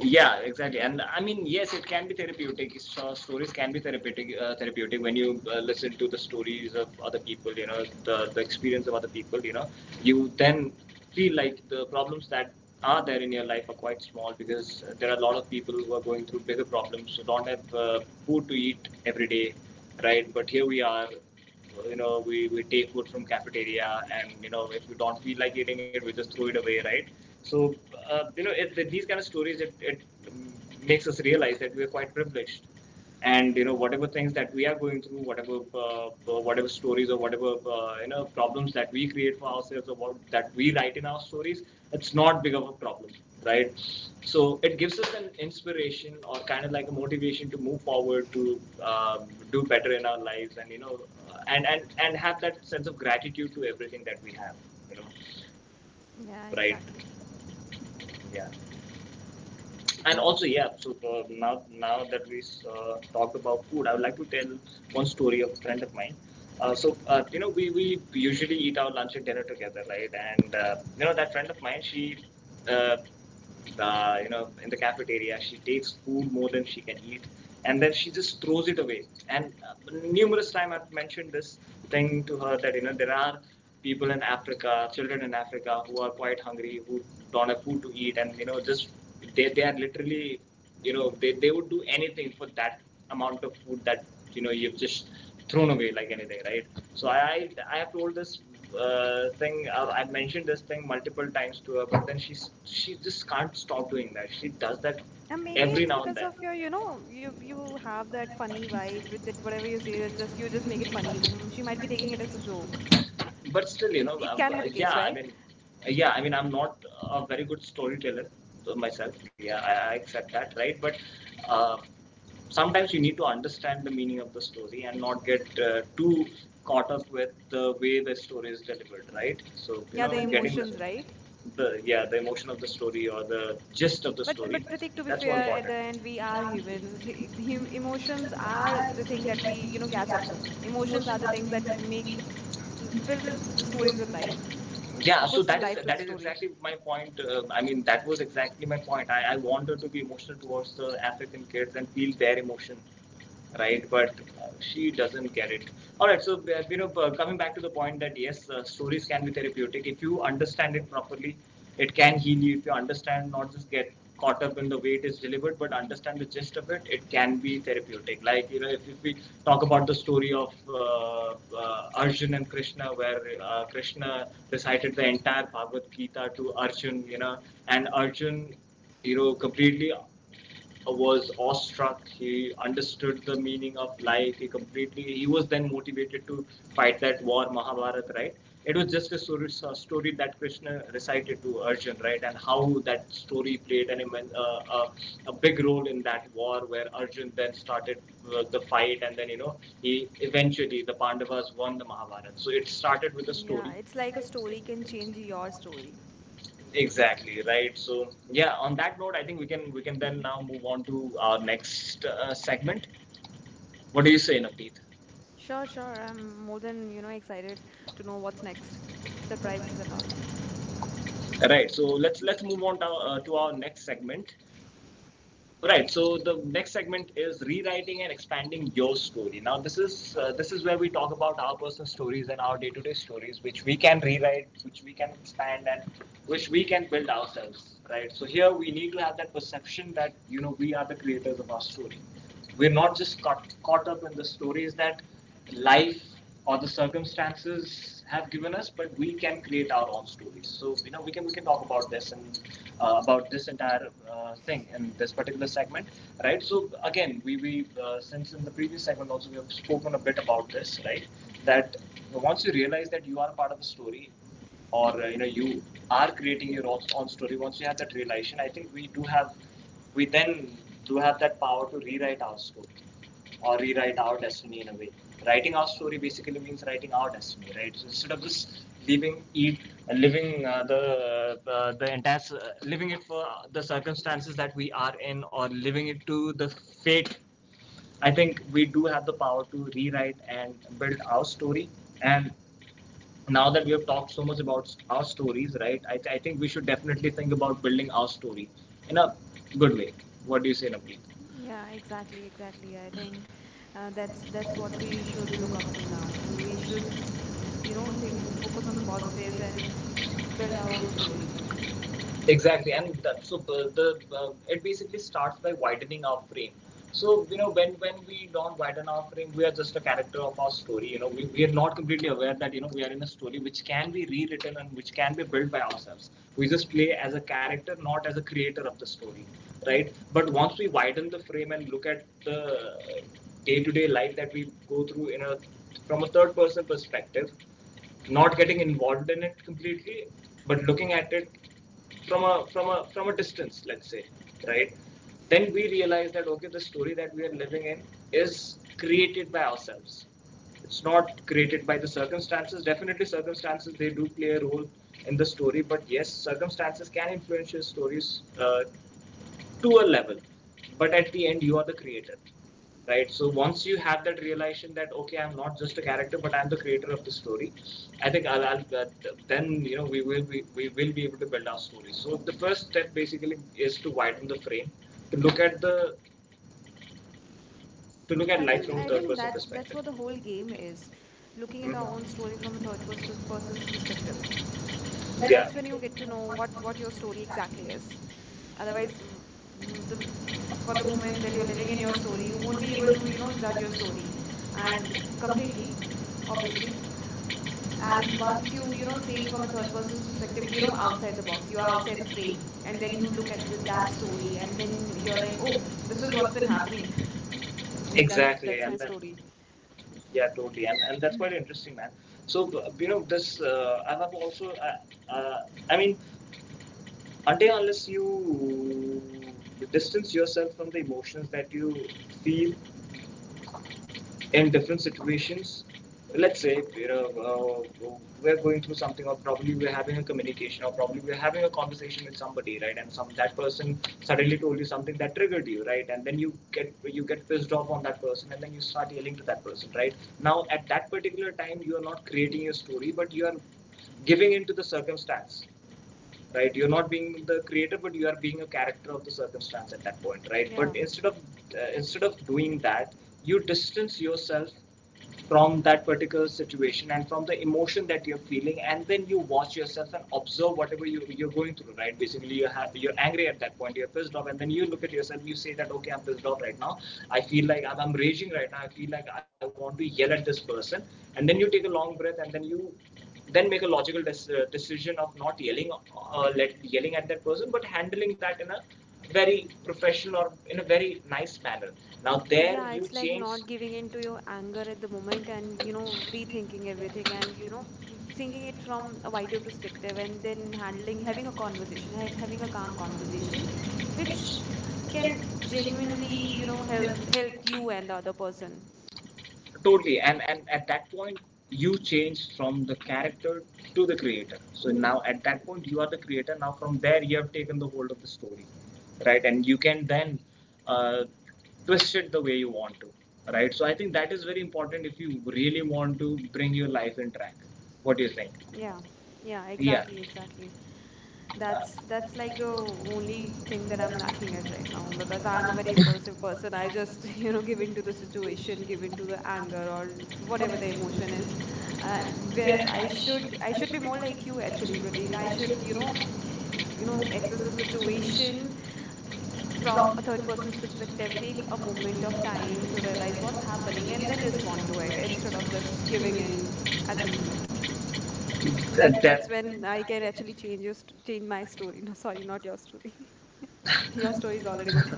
yeah, exactly. And I mean, yes, it can be therapeutic. So stories can be therapeutic, therapeutic when you listen to the stories of other people, you know, the experience of other people, you know, you then feel like the problems that are there in your life are quite small, because there are a lot of people who are going through bigger problems, who don't have food to eat every day, right? But here we are, you know, we take food from cafeteria, and, you know, if we don't feel like eating it, we just throw it away, right? So, you know, these kind of stories, it makes us realize that we are quite privileged. And, you know, whatever things that we are going through, whatever, whatever stories, or whatever, you know, problems that we create for ourselves, or what, that we write in our stories, it's not big of a problem, right? So it gives us an inspiration or kind of like a motivation to move forward, to do better in our lives, and, you know, and have that sense of gratitude to everything that we have, you know, Yeah, right, exactly. yeah. And also, yeah, so now that we talked about food, I would like to tell one story of a friend of mine. So you know, we usually eat our lunch and dinner together, right? And you know, that friend of mine, she, uh, you know, in the cafeteria, she takes food more than she can eat, and then she just throws it away. And numerous times I've mentioned this thing to her, that you know there are people in Africa, children in Africa who are quite hungry, who don't have food to eat, and you know, just they are literally, you know, they would do anything for that amount of food that you know you've just thrown away like anything, right? So have told this thing, I mentioned this thing multiple times to her, but then she just can't stop doing that. She does that And maybe every it's now and because then. of your, you know, you have that funny vibe with that, whatever you say, that just you just make it funny. Tum- She might be taking it as a joke. But still, you know, It can be the case, yeah, I right? mean, yeah, I mean, I'm not a very good storyteller myself, yeah. I accept that, right? But uh, sometimes you need to understand the meaning of the story and not get too caught up with the way the story is delivered, right? So you Yeah, know, the getting emotions, right? the yeah, the emotion of the story or the gist of the story, But Pratik, to be that's more fair, at the end we are humans. He, emotions are the important, thing that that we, we, you know, you know, catch up catch up. to. Emotions are Emotions the are the things things that that make, we fills the feel stories going with through time. life. Yeah, It so puts that is life to the story. exactly my point. I mean, that was exactly my point. I wanted to be emotional towards the African kids and feel their emotion, right? But she doesn't get it. All right, so you know, coming back to the point, that yes, stories can be therapeutic if you understand it properly. It can heal you if you understand, not just get caught up in the way it is delivered, but understand the gist of it. It can be therapeutic. Like, you know, if we talk about the story of Arjun and Krishna, where Krishna recited the entire Bhagavad Gita to Arjun, you know, and Arjun, you know, completely was awestruck. He understood the meaning of life. He completely. He was then motivated to fight that war, Mahabharata, right? It was just a story, story that Krishna recited to Arjun, right? And how that story played an immense, uh, a big role in that war, where Arjun then started the fight, and then you know he eventually the Pandavas won the Mahabharata. So it started with a Yeah, story, it's like a story can change your story. exactly, right? So yeah, on that note, I think we can then now move on to our next segment. What do you say, Navdeep? Sure, sure. I'm more than you know excited to know what's next, surprises and all. Right, so let's move on to our next segment. Right, so the next segment is rewriting and expanding your story. Now this is where we talk about our personal stories and our day-to-day stories, which we can rewrite, which we can expand, and which we can build ourselves. Right, so here we need to have that perception that you know we are the creators of our story. We're not just caught up in the stories that life or the circumstances have given us, but we can create our own stories. So you know, we can talk about this, and about this entire thing in this particular segment, right? So again, we since in the previous segment also we have spoken a bit about this, right? That once you realize that you are a part of a story, or you know you are creating your own story, once you have that realization, I think we do have, we then do have that power to rewrite our story, or rewrite our destiny in a way. Writing our story basically means writing our destiny, right? So instead of just leaving eat living the entire, living it for the circumstances that we are in, or living it to the fate, I think we do have the power to rewrite and build our story. And now that we have talked so much about our stories, right? I think we should definitely think about building our story in a good way. What do you say, Navneet? Yeah, exactly, exactly. I think that's what we should look up to now. We should, you know, think focus on the positives and build our own story. Exactly, and so the it basically starts by widening our frame. So you know, when we don't widen our frame, we are just a character of our story. You know we are not completely aware that you know we are in a story which can be rewritten and which can be built by ourselves. We just play as a character, not as a creator of the story, right? But once we widen the frame and look at the day-to-day life that we go through in a, from a third person perspective, not getting involved in it completely, but looking at it from a from a distance, let's say, right? Then we realize that okay, the story that we are living in is created by ourselves. It's not created by the circumstances. Definitely, circumstances they do play a role in the story, but yes, circumstances can influence your stories to a level, but at the end you are the creator, right? So once you have that realization that okay, I'm not just a character but I'm the creator of the story, I'll that, then you know we will be able to build our story. So the first step basically is to widen the frame, to look at the, to look at I life think from a I third think person that's perspective. what the whole game is, looking at our own story Mhm. from a third person's perspective. That's when Yeah. you get to know what your story exactly is. So, Otherwise, the for for the the moment moment, that you're you're living living in in, your story, you you won't would be be able able to, to you know, use judge your one machine story, and and completely, completely obviously. automate. And And once once you, you, you you know, know, see it take from a from a third person's perspective, specific, you you know, outside the box, you are out outside the it's free. frame, and And then then you you can look at do that that story, slowly, and and then then you're you're like, like, oh, oh, this this is is what's what's been been happening. happening. Exactly, that's my and story. yeah, totally, and that's quite interesting, man. So you know this, I've also, I mean, until unless you distance yourself from the emotions that you feel in different situations. Let's say uh, uh, we're going through something, or probably we're having a communication, or probably we're having a conversation with somebody, right? And some that person suddenly told you something that triggered you, right? And then you get pissed off on that person, and then you start yelling to that person, right? Now, at that particular time, you are not creating your story, but you are giving into the circumstance, right? You're not being the creator, but you are being a character of the circumstance at that point, right? Yeah. But instead of doing that, you distance yourself from that particular situation and from the emotion that you're feeling, and then you watch yourself and observe whatever you're going through, right? Basically, you're angry at that point, you're pissed off, and then you look at yourself, you say that, okay, I'm pissed off right now, I feel like I'm raging right now, I feel like I want to yell at this person. And then you take a long breath, and then you then make a logical decision of not yelling, yelling at that person, but handling that in a very professional or in a very nice manner. Now there Yeah, you it's like change. not giving in to your anger at the moment and, you know, rethinking everything and, you know, thinking it from a wider perspective and then handling, having a conversation, ha having a calm conversation, which can genuinely, you know, help you and the other person. Totally, and at that point you changed from the character to the creator. So now at that point you are the creator, now from there you have taken the hold of the story, right? And you can then uh, twist it the way you want to, right? So I think that is very important if you really want to bring your life in track. What do you think? Yeah. Yeah, Yeah. exactly, exactly. That's like the only thing that I'm lacking at right now because I'm a very impulsive person. I just, you know, give in to the situation, give in to the anger or whatever the emotion is. Uh, whereas Yes, I should, I should be more like you that actually, Pratik. I should should, you know, give good access the equitable solution situation from from a third person's the perspective, take technique a of the moment of window panel time to to the realize what's what's happening happening, and and then then it's respond to not it it's instead not of just just giving queuing in at in the at moment. the That moment. that's That, when when I I can get it. actually change your st change my story. No, sorry, not your story. Your story is already good.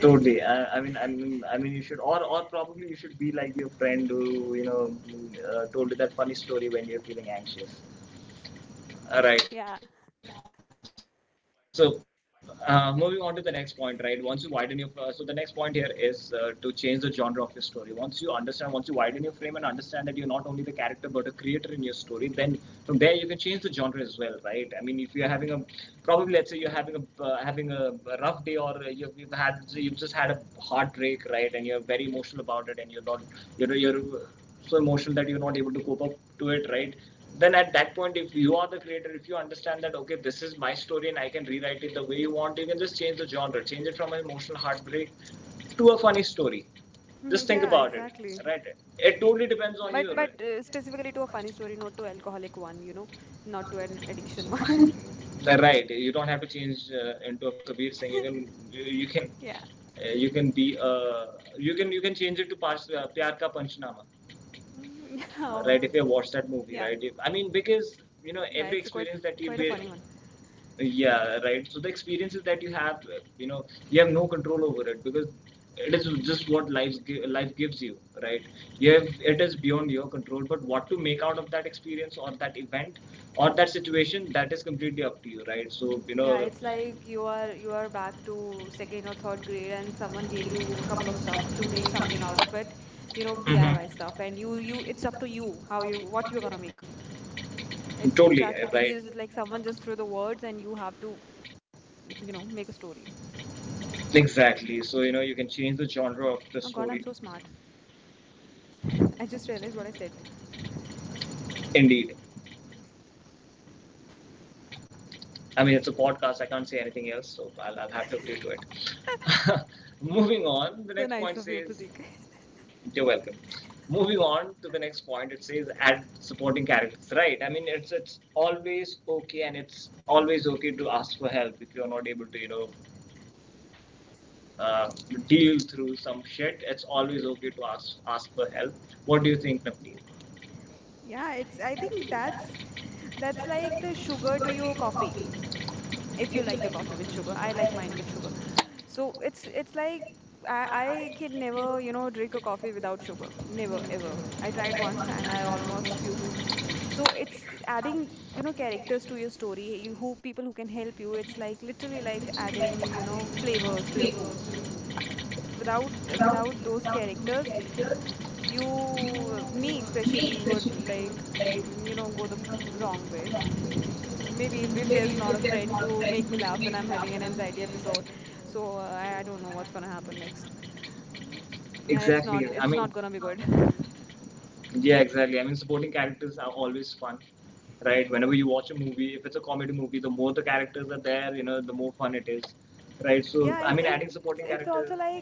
Totally. I mean, you should, or probably you should be like your friend who you know told you that funny story when you're feeling anxious. All right. Yeah. So, moving on to the next point, right? Once you widen your, So the next point here is to change the genre of your story. Once you understand, once you widen your frame and understand that you're not only the character but a creator in your story, then from there you can change the genre as well, right? I mean, if you're probably let's say you're having a rough day, or you've had, you've just had a heartbreak, right? And you're very emotional about it, and you're so emotional that you're not able to cope up to it, right? Then at that point, if you are the creator, if you understand that, okay, this is my story and I can rewrite it the way you want, you can just change the genre, change it from an emotional heartbreak to a funny story. Just think Yeah, about it, exactly. right? It totally depends on you, But specifically to right? a funny story, not to alcoholic one, you know, not to an addiction one. Right, you don't have to change into a Kabir Singh. You can you, Yeah. You can be you can change it to pyar ka panchnama, Mm, oh, right? huh. If you watch that movie, Yeah. right? If, I mean, because you know Yeah, every it's quite experience that you quite a be, funny one. yeah, right. So the experiences that you have, you know, you have no control over it, because it is just what life life gives you, right? You have It is beyond your control, but what to make out of that experience, or that event, or that situation, that is completely up to you, right? So you Yeah, know. it's like you are back to second or third grade and someone gave you a couple of stuff to make something out of it, you know, Mhm. DIY stuff, and you, it's up to you how you what you're gonna make. It's Totally, exactly the, right. you just, like someone just threw the words and you have to, you know, make a story. Exactly. So, you know, you can change the genre of the Oh God, I'm story. so smart. I just realized what I said. Indeed. I mean, it's a podcast, I can't say anything else, so I'll have to agree to it. Moving on, the So next nice point of you, says, Pratik. you're welcome. Moving on to the next point, it says, add supporting characters. Right. I mean, it's always okay, and it's always okay to ask for help if you're not able to, uh, deal through some shit. It's always okay to ask for help. What do you think, Navneet? Yeah, it's I think that's like the sugar to your coffee. If you If you like your like. It. coffee with sugar, I like mine with sugar. So it's like I can never, you know, drink a coffee without sugar. Never, ever. I I tried read one, once and I almost was puked. So it's to, adding, you know, characters to your story, who people who can help you. It's like literally like like adding, adding, you know, flavors flavor to to your food. it. Without, without, without those without those characters, characters, you you, me me especially would, especially like, would like, you know, go the wrong go way. wrong. Maybe if Maybe there's not a if there's friend more, to like, make me laugh make and me I'm having laugh, an anxiety like, episode, so so. I don't know what's gonna happen next. Mm, and it's Exactly. not, I it's mean, not gonna be good. yeah, exactly. I mean, supporting characters are always fun, right? Whenever you watch a movie, if it's a comedy movie, the more the characters are there, the more fun it is, right? So, Yeah, I it's mean, it's adding it's supporting also like characters. I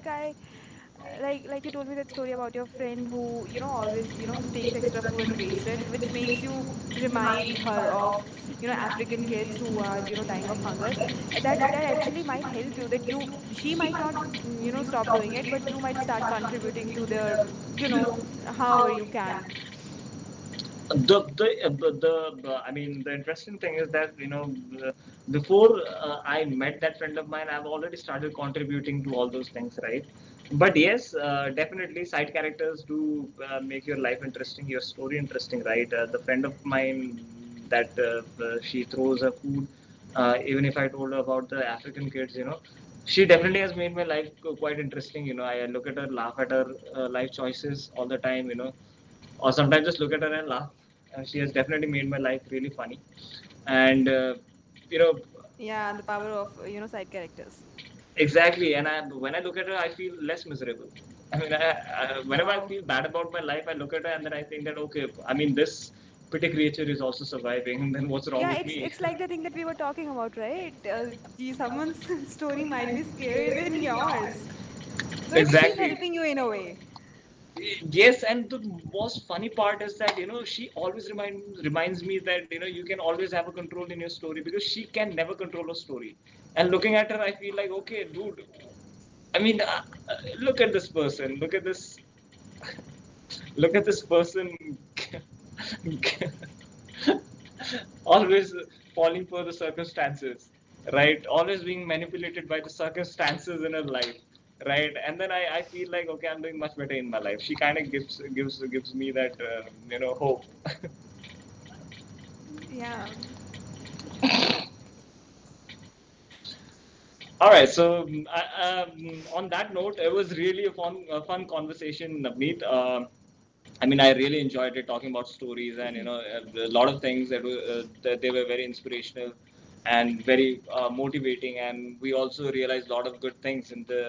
like you told me that story about your friend who, you know, always, you know, takes extra food and waste it, which makes you remind her of, you know, African kids who are, you know, dying of hunger. That that actually might help you, that you, she might not you know, stop doing it, but you might start contributing to their you know, however you can. The I mean, the interesting thing is that, before, I met that friend of mine, I've already started contributing to all those things, right? But yes, definitely side characters do make your life interesting, your story interesting, right? The friend of mine that, she throws her food, even if I told her about the African kids. She definitely has made my life quite interesting. I look at her, laugh at her life choices all the time, or sometimes just look at her and laugh. She has definitely made my life really funny, and you know, Yeah, and the power of you know, side characters. exactly. And I, when I look at her, I feel less miserable. I mean, whenever I Wow. feel bad about my life, I look at her and then I think that, okay, I mean, this pretty creature is also surviving. And then what's wrong Yeah, with me? it's like the thing that we were talking about, right? Uh, gee, someone's story might be scarier than yours. So it's she's Exactly. helping you in a way. Yes, and the most funny part is that, she always reminds me that, you can always have a control in your story, because she can never control her story. And looking at her, I feel like, okay, dude. I mean, uh, look at this person. Look at this person always falling for the circumstances, right? Always being manipulated by the circumstances in her life, right? And then I feel like, okay, I'm doing much better in my life. She kind of gives me that, hope. Yeah. Yeah. All right. So, I, on that note, it was really a fun, conversation, Navneet. I mean, I really enjoyed it talking about stories, and, a lot of things that were that they were very inspirational and very motivating. And we also realized a lot of good things in the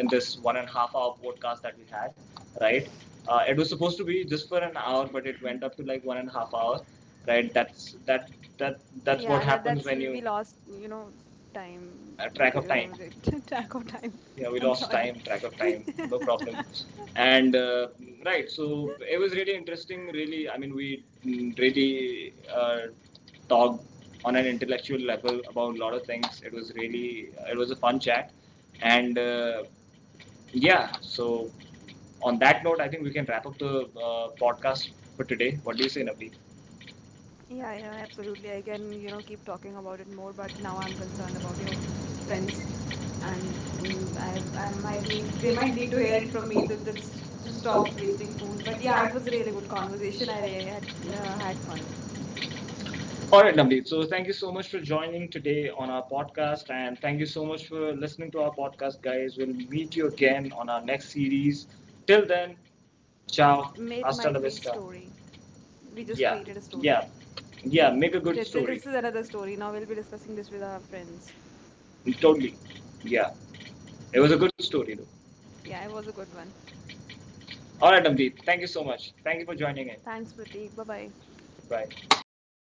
in this 1.5 hour podcast that we had, right? It was supposed to be just for an hour, but it went up to like 1.5 hour, right? That's that that that's what Yeah, that happens that's when we you lost, you know, time track of time. Track of time. Yeah, we I'm lost sorry. time track of time. No problem. And right, so it was really interesting, really. I mean, we, really, talked on an intellectual level about a lot of things. It was a fun chat. And yeah, so on that note, I think we can wrap up the podcast for today. What do you say, Navneet? Yeah, yeah, absolutely. I can, you know, keep talking about it more, but now I'm concerned about your Well, friends, and mm, I might need, they they might might need make to the... hear it from me to, that's to stop wasting food. But yeah, it was a really good conversation. Had had fun. All right, Navneet. So thank you so much for joining today on our podcast, and thank you so much for listening to our podcast, guys. We'll meet you again on our next series. Till then, ciao, May- It hasta might la be vista. story. We just Yeah, created a story. yeah, yeah. Yeah. Make a good this is another story. Now we'll be discussing this with our friends. story. Totally. Yeah, it was a good story though. Yeah, it was a good one. All right, Navneet. Thank you so much. Thank you for joining in. Thanks, Pratik. Bye bye. Bye.